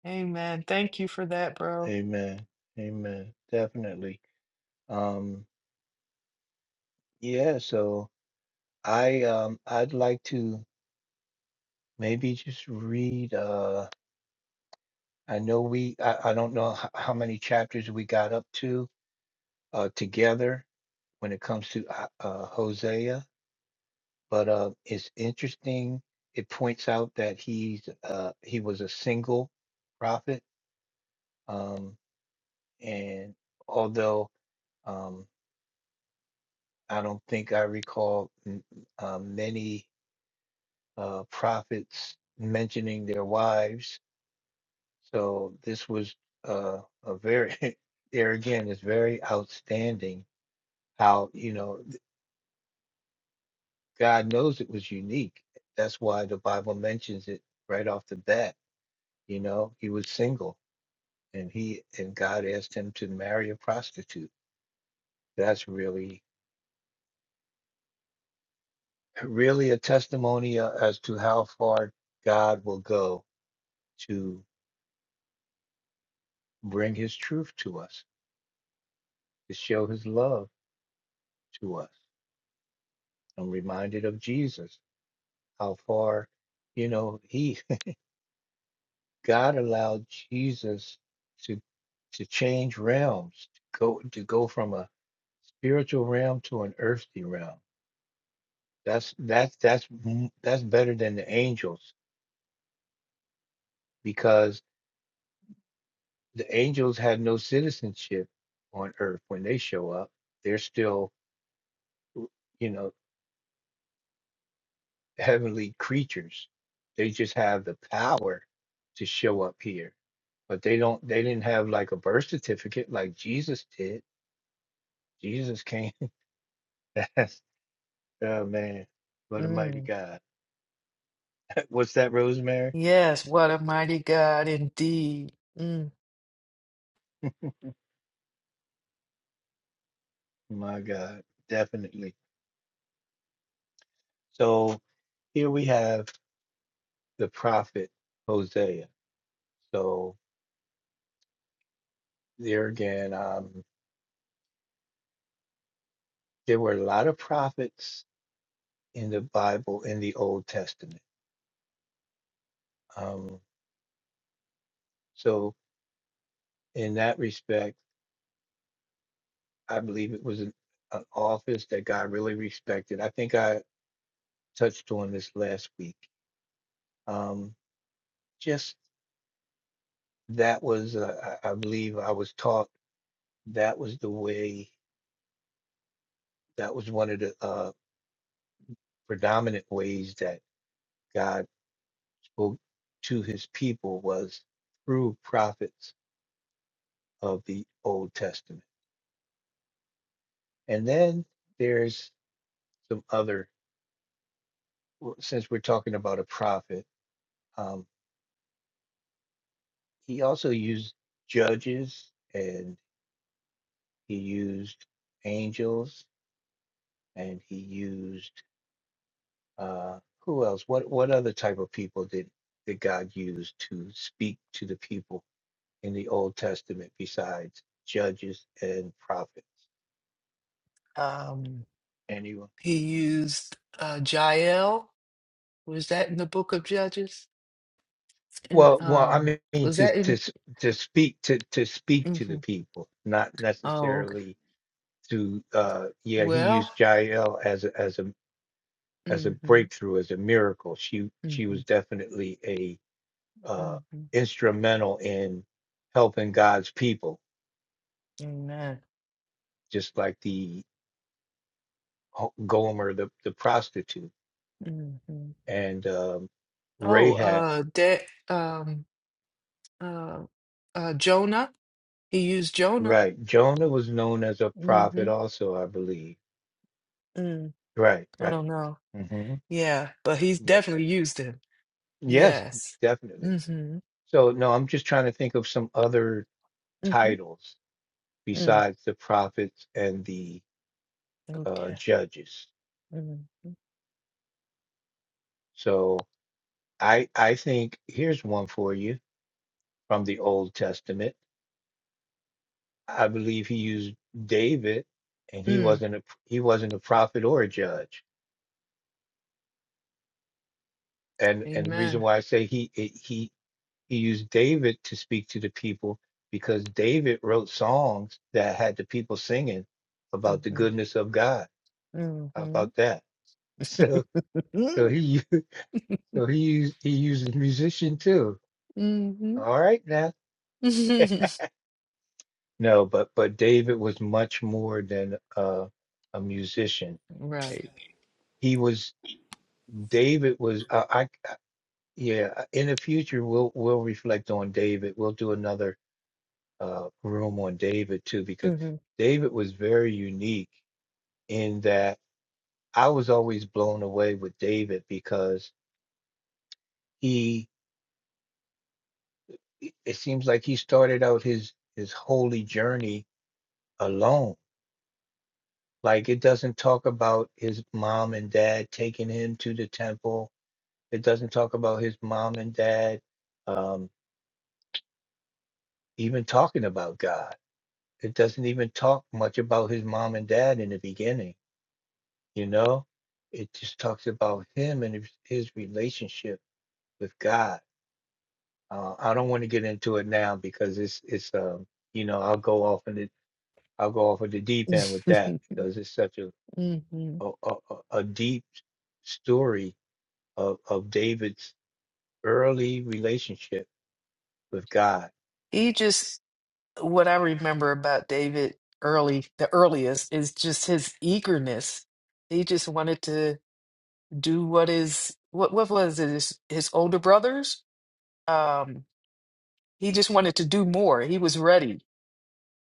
S2: Amen. Thank you for that, bro.
S1: Amen. Amen. Definitely. Um, yeah, so I um I'd like to maybe just read uh I know we I, I don't know how, how many chapters we got up to uh together when it comes to uh, uh Hosea, but uh it's interesting it points out that he's uh he was a single prophet um and although um I don't think I recall m- uh, many uh prophets mentioning their wives So this was uh, a very, there again, it's very outstanding how, you know, th- God knows it was unique. That's why the Bible mentions it right off the bat. You know, he was single and he and God asked him to marry a prostitute. That's really, really a testimony uh, as to how far God will go to bring his truth to us, to show his love to us. I'm reminded of Jesus how far, you know, he God allowed Jesus to to change realms, to go to go from a spiritual realm to an earthly realm. That's that's that's m- that's better than the angels because the angels had no citizenship on earth when they show up. They're still, you know, heavenly creatures. They just have the power to show up here, but they don't. They didn't have like a birth certificate like Jesus did Jesus came. That's oh man, what a mighty
S2: Mm.
S1: God. What's that, Rosemary?
S2: Yes, what a mighty God indeed. Mm.
S1: My God, definitely. So here we have the prophet Hosea. So there again, um, there were a lot of prophets in the Bible in the Old Testament. Um, so in that respect, I believe it was an, an office that God really respected. I think I touched on this last week. Um, just that was, uh, I I believe I was taught that was the way, that was one of the uh, predominant ways that God spoke to his people was through prophets of the Old Testament. And then there's some other, w- since we're talking about a prophet, um, he also used judges and he used angels and he used Uh, who else? What what other type of people did did God use to speak to the people in the Old Testament besides judges and prophets?
S2: Um,
S1: Anyone?
S2: He used uh, Jael. Was that in the book of Judges? And
S1: Well, well, I
S2: um,
S1: mean
S2: was
S1: to
S2: that
S1: to
S2: in?
S1: s- to speak to to speak to
S2: hmm
S1: the people, not
S2: Oh, okay.
S1: necessarily to. Uh, yeah, he
S2: well.
S1: used Jael as a, as a as a
S2: hmm
S1: breakthrough, as a miracle. She
S2: hmm
S1: she was definitely a uh,
S2: hmm
S1: instrumental in helping God's people,
S2: Amen.
S1: just like the Ho- Gomer the, the prostitute
S2: hmm
S1: and um,
S2: Oh,
S1: Rahab.
S2: uh, that um, uh, uh, Jonah. He used Jonah.
S1: Right. Jonah was known as a prophet
S2: hmm
S1: also, I believe.
S2: Mm,
S1: Right,
S2: I
S1: right.
S2: don't know.
S1: hmm
S2: Yeah, but he's
S1: Yeah.
S2: definitely used him.
S1: Yes,
S2: Yes.
S1: definitely.
S2: hmm
S1: So no, I'm just trying to think of some other
S2: hmm
S1: titles
S2: Mm.
S1: besides the prophets and the uh,
S2: Okay.
S1: judges.
S2: hmm
S1: So I I think here's one for you from the Old Testament. I believe he used David, and he
S2: Mm.
S1: wasn't a he wasn't a prophet or a judge and and the reason
S2: Amen.
S1: why I say he he he used David to speak to the people because David wrote songs that had the people singing about the
S2: Mm-hmm.
S1: goodness of God. How
S2: Mm-hmm.
S1: about that? So so he u- so he used he uses musician too.
S2: Mm-hmm.
S1: All right now. No, but but David was much more than uh, a musician.
S2: Right.
S1: He was David was uh, I, I yeah. In the future, we'll we'll reflect on David. We'll do another uh, room on David too, because David was very unique in that I was always blown away with David because he, it it seems like he started out his his holy journey alone. Like it doesn't talk about his mom and dad taking him to the temple. It doesn't talk about his mom and dad um, even talking about God. It doesn't even talk much about his mom and dad in the beginning You know, it just talks about him and his, his relationship with God. Uh, I don't want to get into it now because it's it's um you know I'll go off in the I'll go off of the deep end with
S2: Mm-hmm.
S1: that because it's such a
S2: Mm-hmm.
S1: a, a, a a deep story of of David's early relationship with God.
S2: He just, what I remember about David early, the earliest, is just his eagerness. He just wanted to do what is, what, what was it, his, his older brothers? Um, he just wanted to do more. He was ready.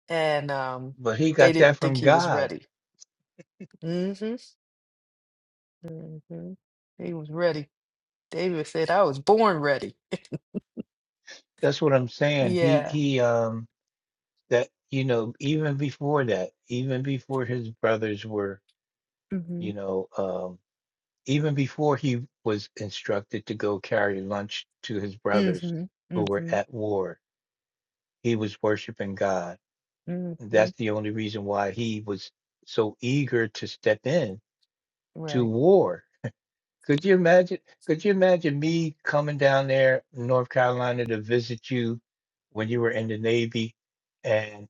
S2: And um,
S1: But he
S2: they
S1: got that
S2: didn't think
S1: from
S2: he was
S1: God.
S2: ready. Mm-hmm. Mm-hmm. He was ready. David said, I was born ready.
S1: That's what I'm saying. He
S2: Yeah.
S1: he um that you know even before that even before his brothers were
S2: Mm-hmm.
S1: you know um even before he was instructed to go carry lunch to his brothers
S2: Mm-hmm.
S1: who were
S2: Mm-hmm.
S1: at war, he was worshiping God. And
S2: hmm
S1: that's the only reason why he was so eager to step in to
S2: Right.
S1: war. Could you imagine? Could you imagine me coming down there, North Carolina, to visit you when you were in the Navy, and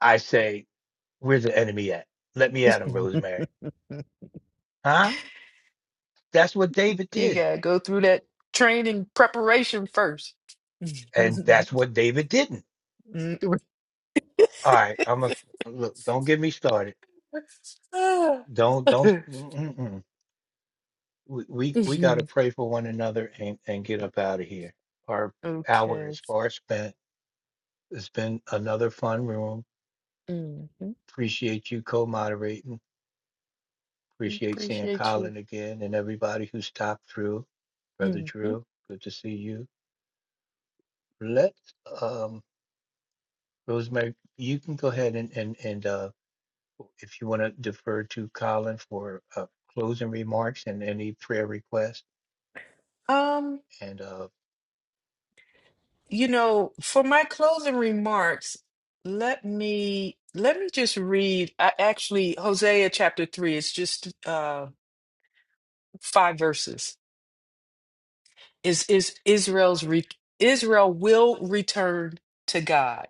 S1: I say, "Where's the enemy at? Let me at him, Rosemary." Huh? That's what David
S2: you
S1: did,
S2: gotta go through that training preparation first.
S1: and that's what David didn't.
S2: Mm.
S1: All right, I'm a look. Don't get me started.
S2: Ah.
S1: Don't don't. Mm-mm. We we, we got to
S2: Mhm.
S1: pray for one another and and get up out of here. Our hour
S2: okay.
S1: is far spent. It's been another fun room.
S2: hmm
S1: Appreciate you co-moderating. Appreciate seeing
S2: Appreciate you.
S1: Colin again and everybody who stopped through. Brother
S2: hmm
S1: Drew, good to see you. Let's um Rosemary, you can go ahead and and and uh if you want to defer to Colin for uh, closing remarks and any prayer requests.
S2: Um,
S1: And uh,
S2: you know, for my closing remarks, let me let me just read. I actually Hosea chapter three. It's just uh five verses. is is Israel's re- Israel will return to God.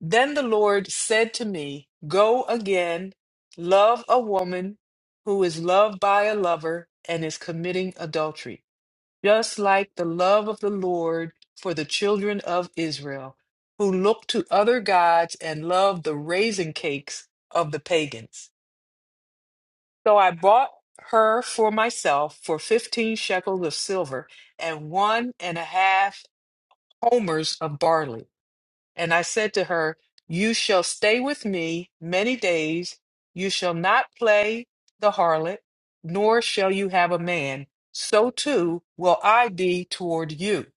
S2: Then the Lord said to me, Go again, love a woman who is loved by a lover and is committing adultery, just like the love of the Lord for the children of Israel, who look to other gods and love the raisin cakes of the pagans. So I bought her for myself for fifteen shekels of silver and one and a half homers of barley. And I said to her, You shall stay with me many days. You shall not play the harlot, nor shall you have a man. So too will I be toward you.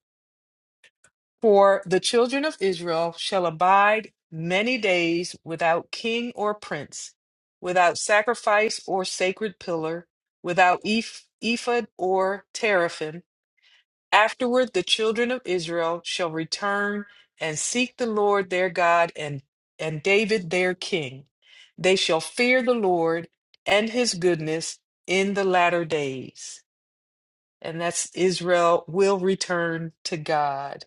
S2: For the children of Israel shall abide many days without king or prince, without sacrifice or sacred pillar, without eph- ephod or teraphim Afterward, the children of Israel shall return and seek the Lord their God and, and David their king. They shall fear the Lord and his goodness in the latter days. And that's Israel will return to God.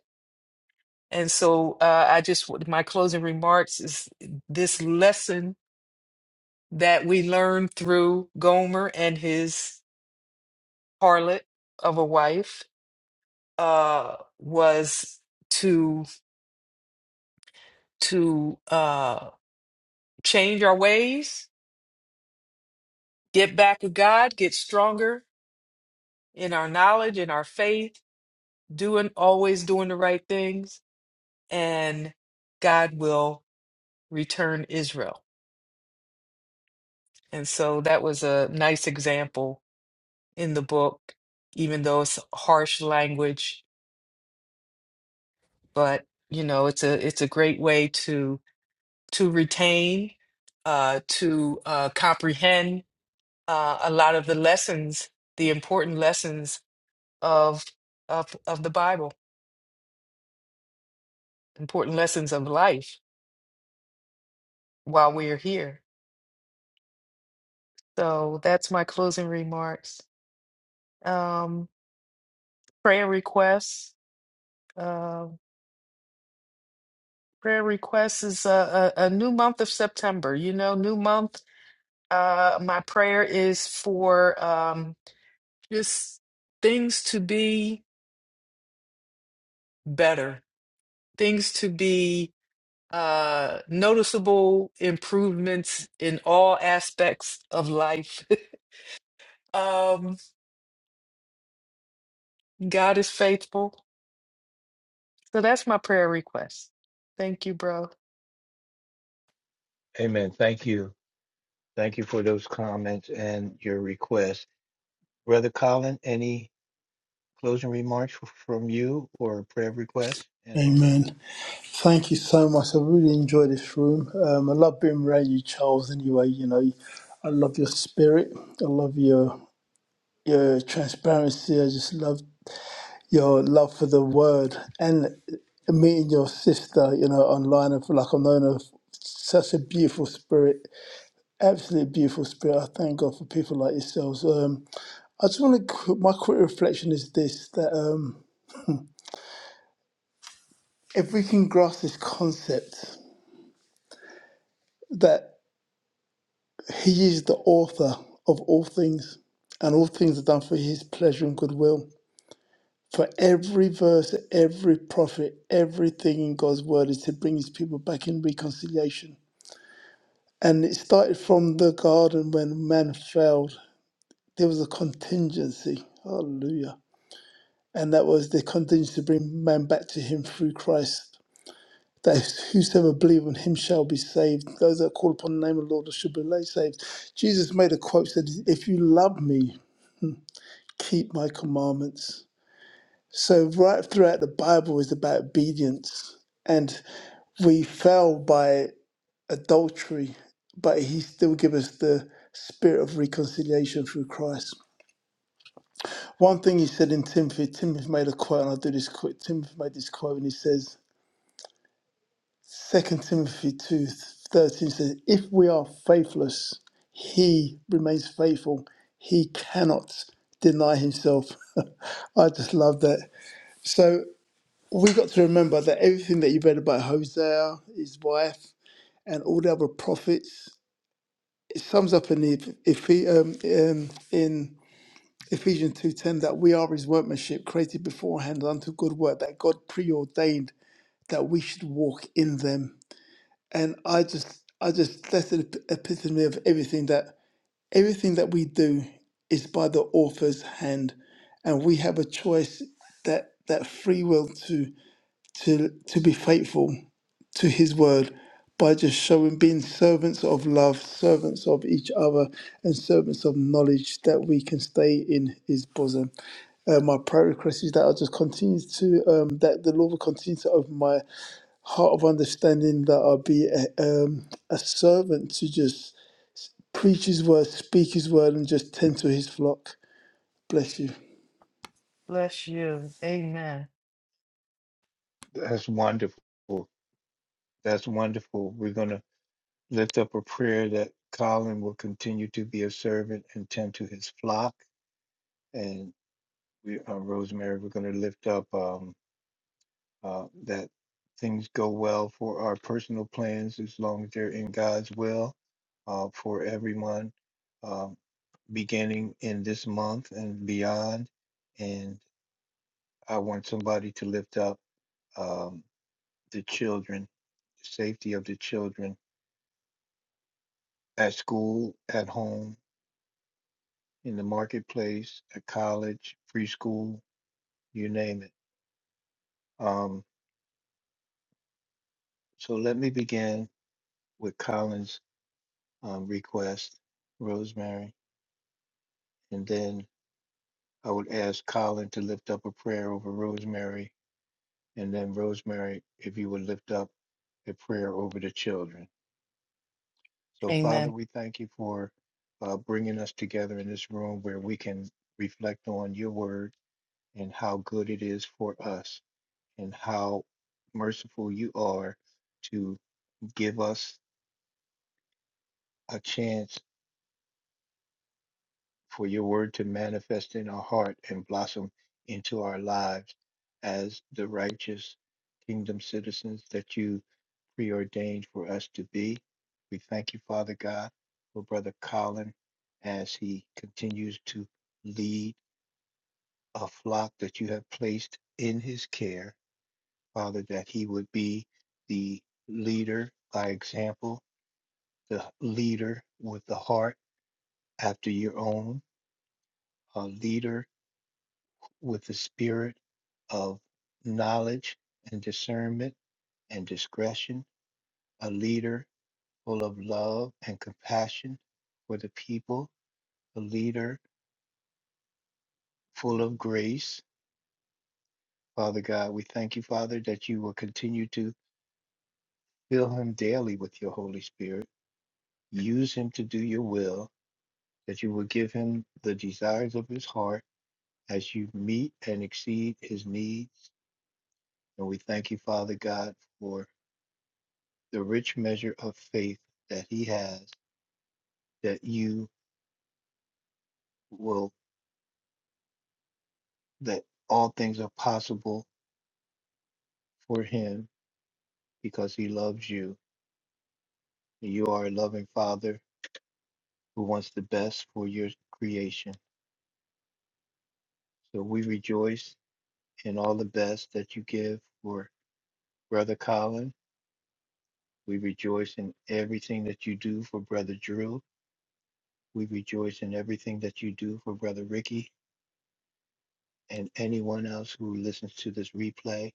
S2: And so uh, I just, my closing remarks is this lesson that we learned through Gomer and his harlot of a wife uh, was. to to uh, change our ways, get back with God, get stronger in our knowledge, in our faith, doing always doing the right things, and God will return Israel. And so that was a nice example in the book, even though it's harsh language, but you know it's a it's a great way to to retain, uh, to uh, comprehend uh, a lot of the lessons, the important lessons of of of the Bible, important lessons of life while we're here. So that's my closing remarks. Um, prayer requests. Uh, prayer requests is a, a, a new month of September. You know, new month. Uh, my prayer is for um, just things to be better, things to be uh, noticeable improvements in all aspects of life. um God is faithful. So that's my prayer request. Thank you, bro.
S1: amen. Thank you. Thank you for those comments and your request. Brother Colin, any closing remarks f- from you or prayer requests and or
S3: Amen. Thank you so much. I really enjoy this room. Um, I love being around you, Charles. Anyway, you know, I love your spirit. I love your your transparency. I just love your love for the word and meeting your sister, you know, online and for like I've known her f- such a beautiful spirit, absolutely beautiful spirit. I thank God for people like yourselves. Um, I just want to, my quick reflection is this that um, if we can grasp this concept that He is the author of all things and all things are done for His pleasure and goodwill. For every verse, every prophet, everything in God's word is to bring His people back in reconciliation And it started from the garden when man failed. There was a contingency. Hallelujah. And that was the contingency to bring man back to him through Christ. That whosoever believe on him shall be saved. Those that call upon the name of the Lord shall be saved. Jesus made a quote said, If you love me, keep my commandments. So right throughout the Bible is about obedience. And we fail by adultery, but he still gives us the spirit of reconciliation through Christ. One thing he said in Timothy, Timothy made a quote, and I'll do this quick. Timothy made this quote, and he says, 2 Timothy two thirteen 13 says, If we are faithless, he remains faithful. He cannot deny himself. I just love that. So we got to remember that everything that you read about Hosea, his wife, and all the other prophets it sums up in the if he um, um in Ephesians two ten that we are his workmanship created beforehand unto good work that God preordained that we should walk in them. And I just I just that's an ep- epitome of everything that everything that we do is by the author's hand and we have a choice that that free will to to to be faithful to his word by just showing being servants of love, servants of each other, and servants of knowledge that we can stay in his bosom. Uh, my prayer request is that I just continue to um, that the Lord will continue to open my heart of understanding that I'll be a, um, a servant to just preach his word, speak his word, and just tend to his flock. Bless you.
S2: Bless you. Amen.
S1: that's wonderful. That's wonderful. We're gonna lift up a prayer that Colin will continue to be a servant and tend to his flock. And we uh, Rosemary, we're gonna lift up um uh that things go well for our personal plans as long as they're in God's will uh for everyone Um, beginning in this month and beyond. And I want somebody to lift up um, the children, safety of the children at school, at home, in the marketplace, at college, preschool, you name it. Um, so let me begin with Colin's um, request, Rosemary, and then I would ask Colin to lift up a prayer over Rosemary, and then Rosemary, if you would lift up a prayer over the children. So, Father,
S2: Amen.
S1: we thank you for uh, bringing us together in this room where we can reflect on your word and how good it is for us and how merciful you are to give us a chance for your word to manifest in our heart and blossom into our lives as the righteous kingdom citizens that you preordained for us to be. We thank you, Father God, for Brother Colin as he continues to lead a flock that you have placed in his care. Father, that he would be the leader by example, the leader with the heart after your own, a leader with the spirit of knowledge and discernment and discretion, a leader full of love and compassion for the people, a leader full of grace. Father God, we thank you, Father, that you will continue to fill him daily with your Holy Spirit. Use him to do your will, that you will give him the desires of his heart as you meet and exceed his needs. And we thank you, Father God, for the rich measure of faith that he has, that you will, that all things are possible for him because he loves you You are a loving Father who wants the best for your creation. So we rejoice in all the best that you give for Brother Colin. We rejoice in everything that you do for Brother Drew. We rejoice in everything that you do for Brother Ricky and anyone else who listens to this replay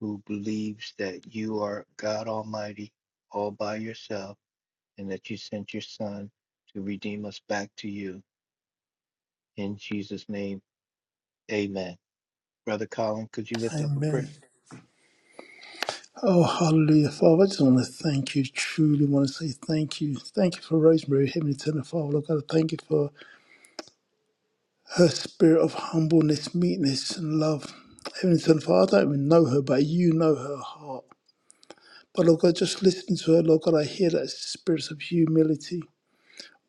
S1: who believes that you are God Almighty all by yourself and that you sent your Son to redeem us back to you. In Jesus' name, amen. Brother Colin, could you lift up a
S3: Amen.
S1: prayer?
S3: Oh, hallelujah. Father, I just want to thank you. Truly want to say thank you. Thank you for Rosemary, Heavenly Eternal Father. Lord God, I thank you for her spirit of humbleness, meekness, and love. Heavenly Eternal Father, I don't even know her, but you know her heart. But Lord God, just listening to her, Lord God, I hear that spirit of humility.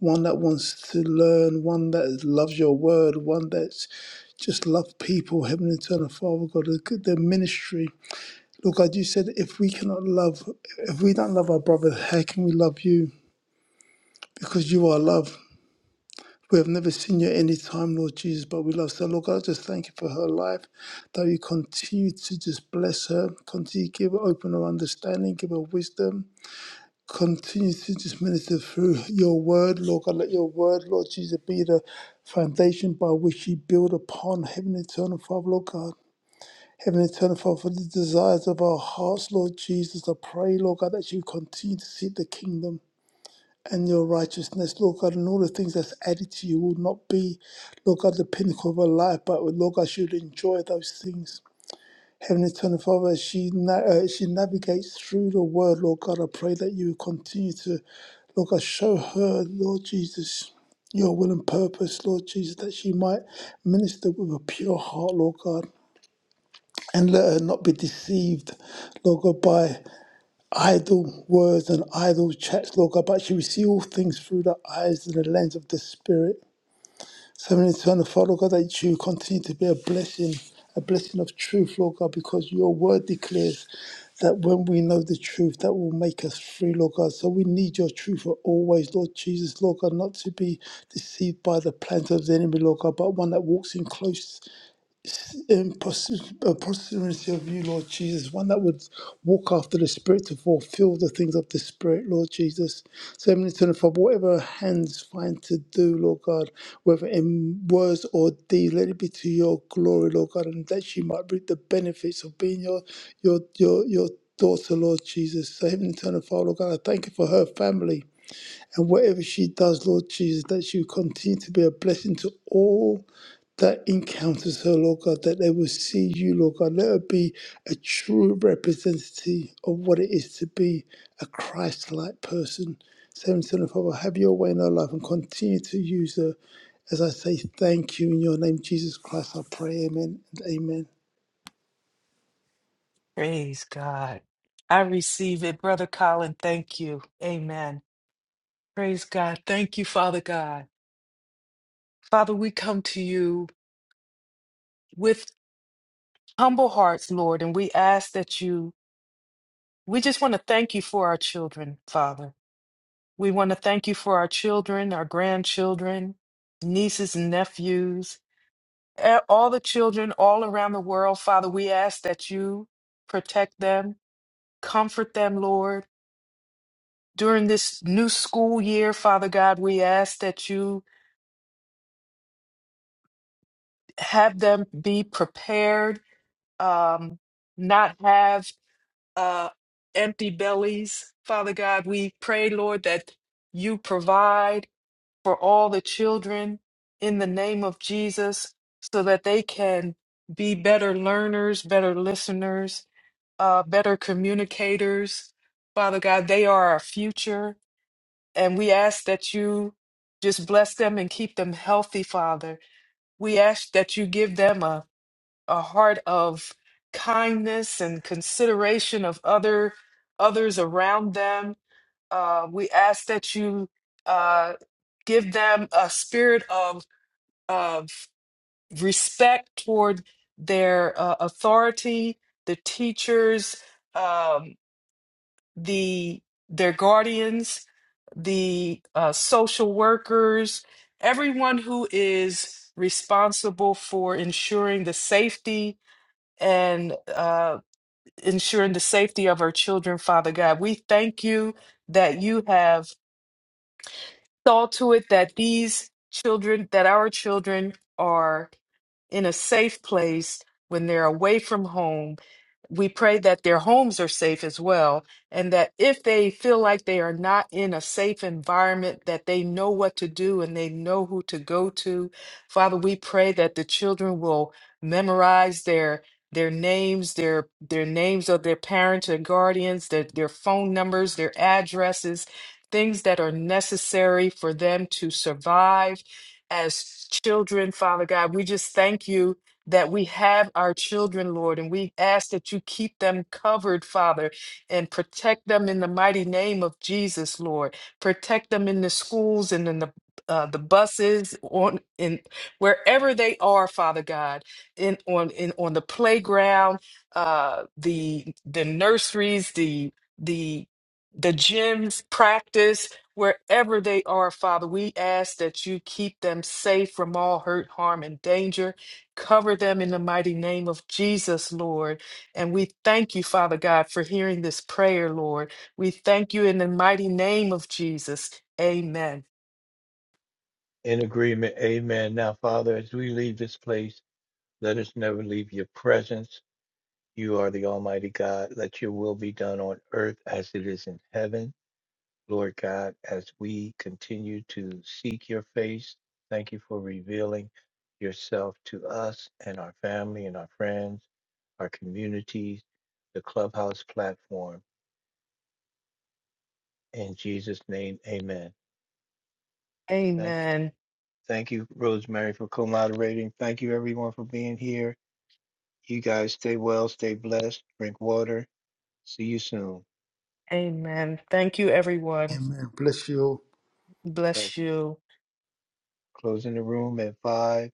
S3: One that wants to learn, one that loves your word, one that's just love people, Heavenly Eternal Father, God, the the ministry. Lord God, you said if we cannot love, if we don't love our brother, how can we love you? Because you are love. We have never seen you at any time, Lord Jesus, but we love. So, Lord God, I just thank you for her life, that you continue to just bless her, continue to give her open her understanding, give her wisdom, continue to just minister through your word, Lord God. Let your word, Lord Jesus, be the foundation by which you build upon heaven eternal, Father, Lord God. Heavenly Eternal Father, for the desires of our hearts, Lord Jesus, I pray, Lord God, that you continue to seek the kingdom and your righteousness, Lord God, and all the things that's added to you will not be, Lord God, the pinnacle of our life, but Lord God, she should enjoy those things. Heavenly Eternal Father, as she, na- uh, she navigates through the word, Lord God, I pray that you will continue to, Lord God, show her, Lord Jesus, your will and purpose, Lord Jesus, that she might minister with a pure heart, Lord God and let her not be deceived, Lord God, by idle words and idle chats, Lord God, but she will see all things through the eyes and the lens of the Spirit. So in eternal Father Lord God, that you continue to be a blessing, a blessing of truth, Lord God, because your word declares that when we know the truth, that will make us free, Lord God. So we need your truth for always, Lord Jesus, Lord God, not to be deceived by the plans of the enemy, Lord God, but one that walks in close in perse- uh, perseverance of you, Lord Jesus, one that would walk after the Spirit to fulfill the things of the Spirit, Lord Jesus. So, many turn for whatever hands find to do, Lord God, whether in words or deed, let it be to your glory, Lord God, and that you might reap the benefits of being your your your your daughter, Lord Jesus. So, Heavenly Eternal Father, Lord God, I thank you for her family. And whatever she does, Lord Jesus, that she will continue to be a blessing to all that encounters her, Lord God, that they will see you, Lord God. Let her be a true representative of what it is to be a Christ like person. So, Heavenly Father, have your way in her life and continue to use her. As I say thank you in your name, Jesus Christ, I pray, amen and amen.
S2: Praise God. I receive it. Brother Colin, thank you. Amen. Praise God. Thank you, Father God. Father, we come to you with humble hearts, Lord, and we ask that you, we just want to thank you for our children, Father. We want to thank you for our children, our grandchildren, nieces and nephews. a- all the children all around the world, Father, we ask that you protect them, comfort them, Lord. During this new school year, Father God, we ask that you have them be prepared, um, not have uh, empty bellies. Father God, we pray, Lord, that you provide for all the children in the name of Jesus so that they can be better learners, better listeners, uh, better communicators. Father God, they are our future. And we ask that you just bless them and keep them healthy, Father. We ask that you give them a, a heart of kindness and consideration of other others around them. Uh, we ask that you uh, give them a spirit of, of respect toward their uh, authority, the teachers, um, the their guardians, the uh, social workers, everyone who is responsible for ensuring the safety and uh, ensuring the safety of our children, Father God. We thank you that you have saw to it that these children, that our children are in a safe place when they're away from home. We pray that their homes are safe as well, and that if they feel like they are not in a safe environment, that they know what to do and they know who to go to. Father, we pray that the children will memorize their their names, their their names of their parents and guardians, their, their phone numbers, their addresses, things that are necessary for them to survive as children, Father God. We just thank you that we have our children, Lord, and we ask that you keep them covered, Father, and protect them in the mighty name of Jesus, Lord. Protect them in the schools and in the uh, the buses on in wherever they are, Father God, in on in on the playground, uh, the the nurseries, the the the gyms, practice, Wherever they are, Father, we ask that you keep them safe from all hurt, harm, and danger. Cover them in the mighty name of Jesus, Lord. And we thank you, Father God, for hearing this prayer, Lord. We thank you in the mighty name of Jesus. Amen.
S1: In agreement, amen. Now, Father, as we leave this place, let us never leave your presence. You are the Almighty God. Let your will be done on earth as it is in heaven. Lord God, as we continue to seek your face, thank you for revealing yourself to us and our family and our friends, our communities, the Clubhouse platform. In Jesus' name, amen. Thank
S2: Amen.
S1: Thank you, Rosemary, for co-moderating. Thank you, everyone, for being here. You guys stay well, stay blessed, drink water. See you soon.
S2: Amen. Thank you, everyone.
S3: Amen. Bless you all.
S1: Let's
S2: Bless you.
S1: close in the room at five,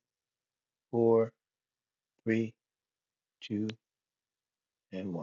S1: four, three, two, and one.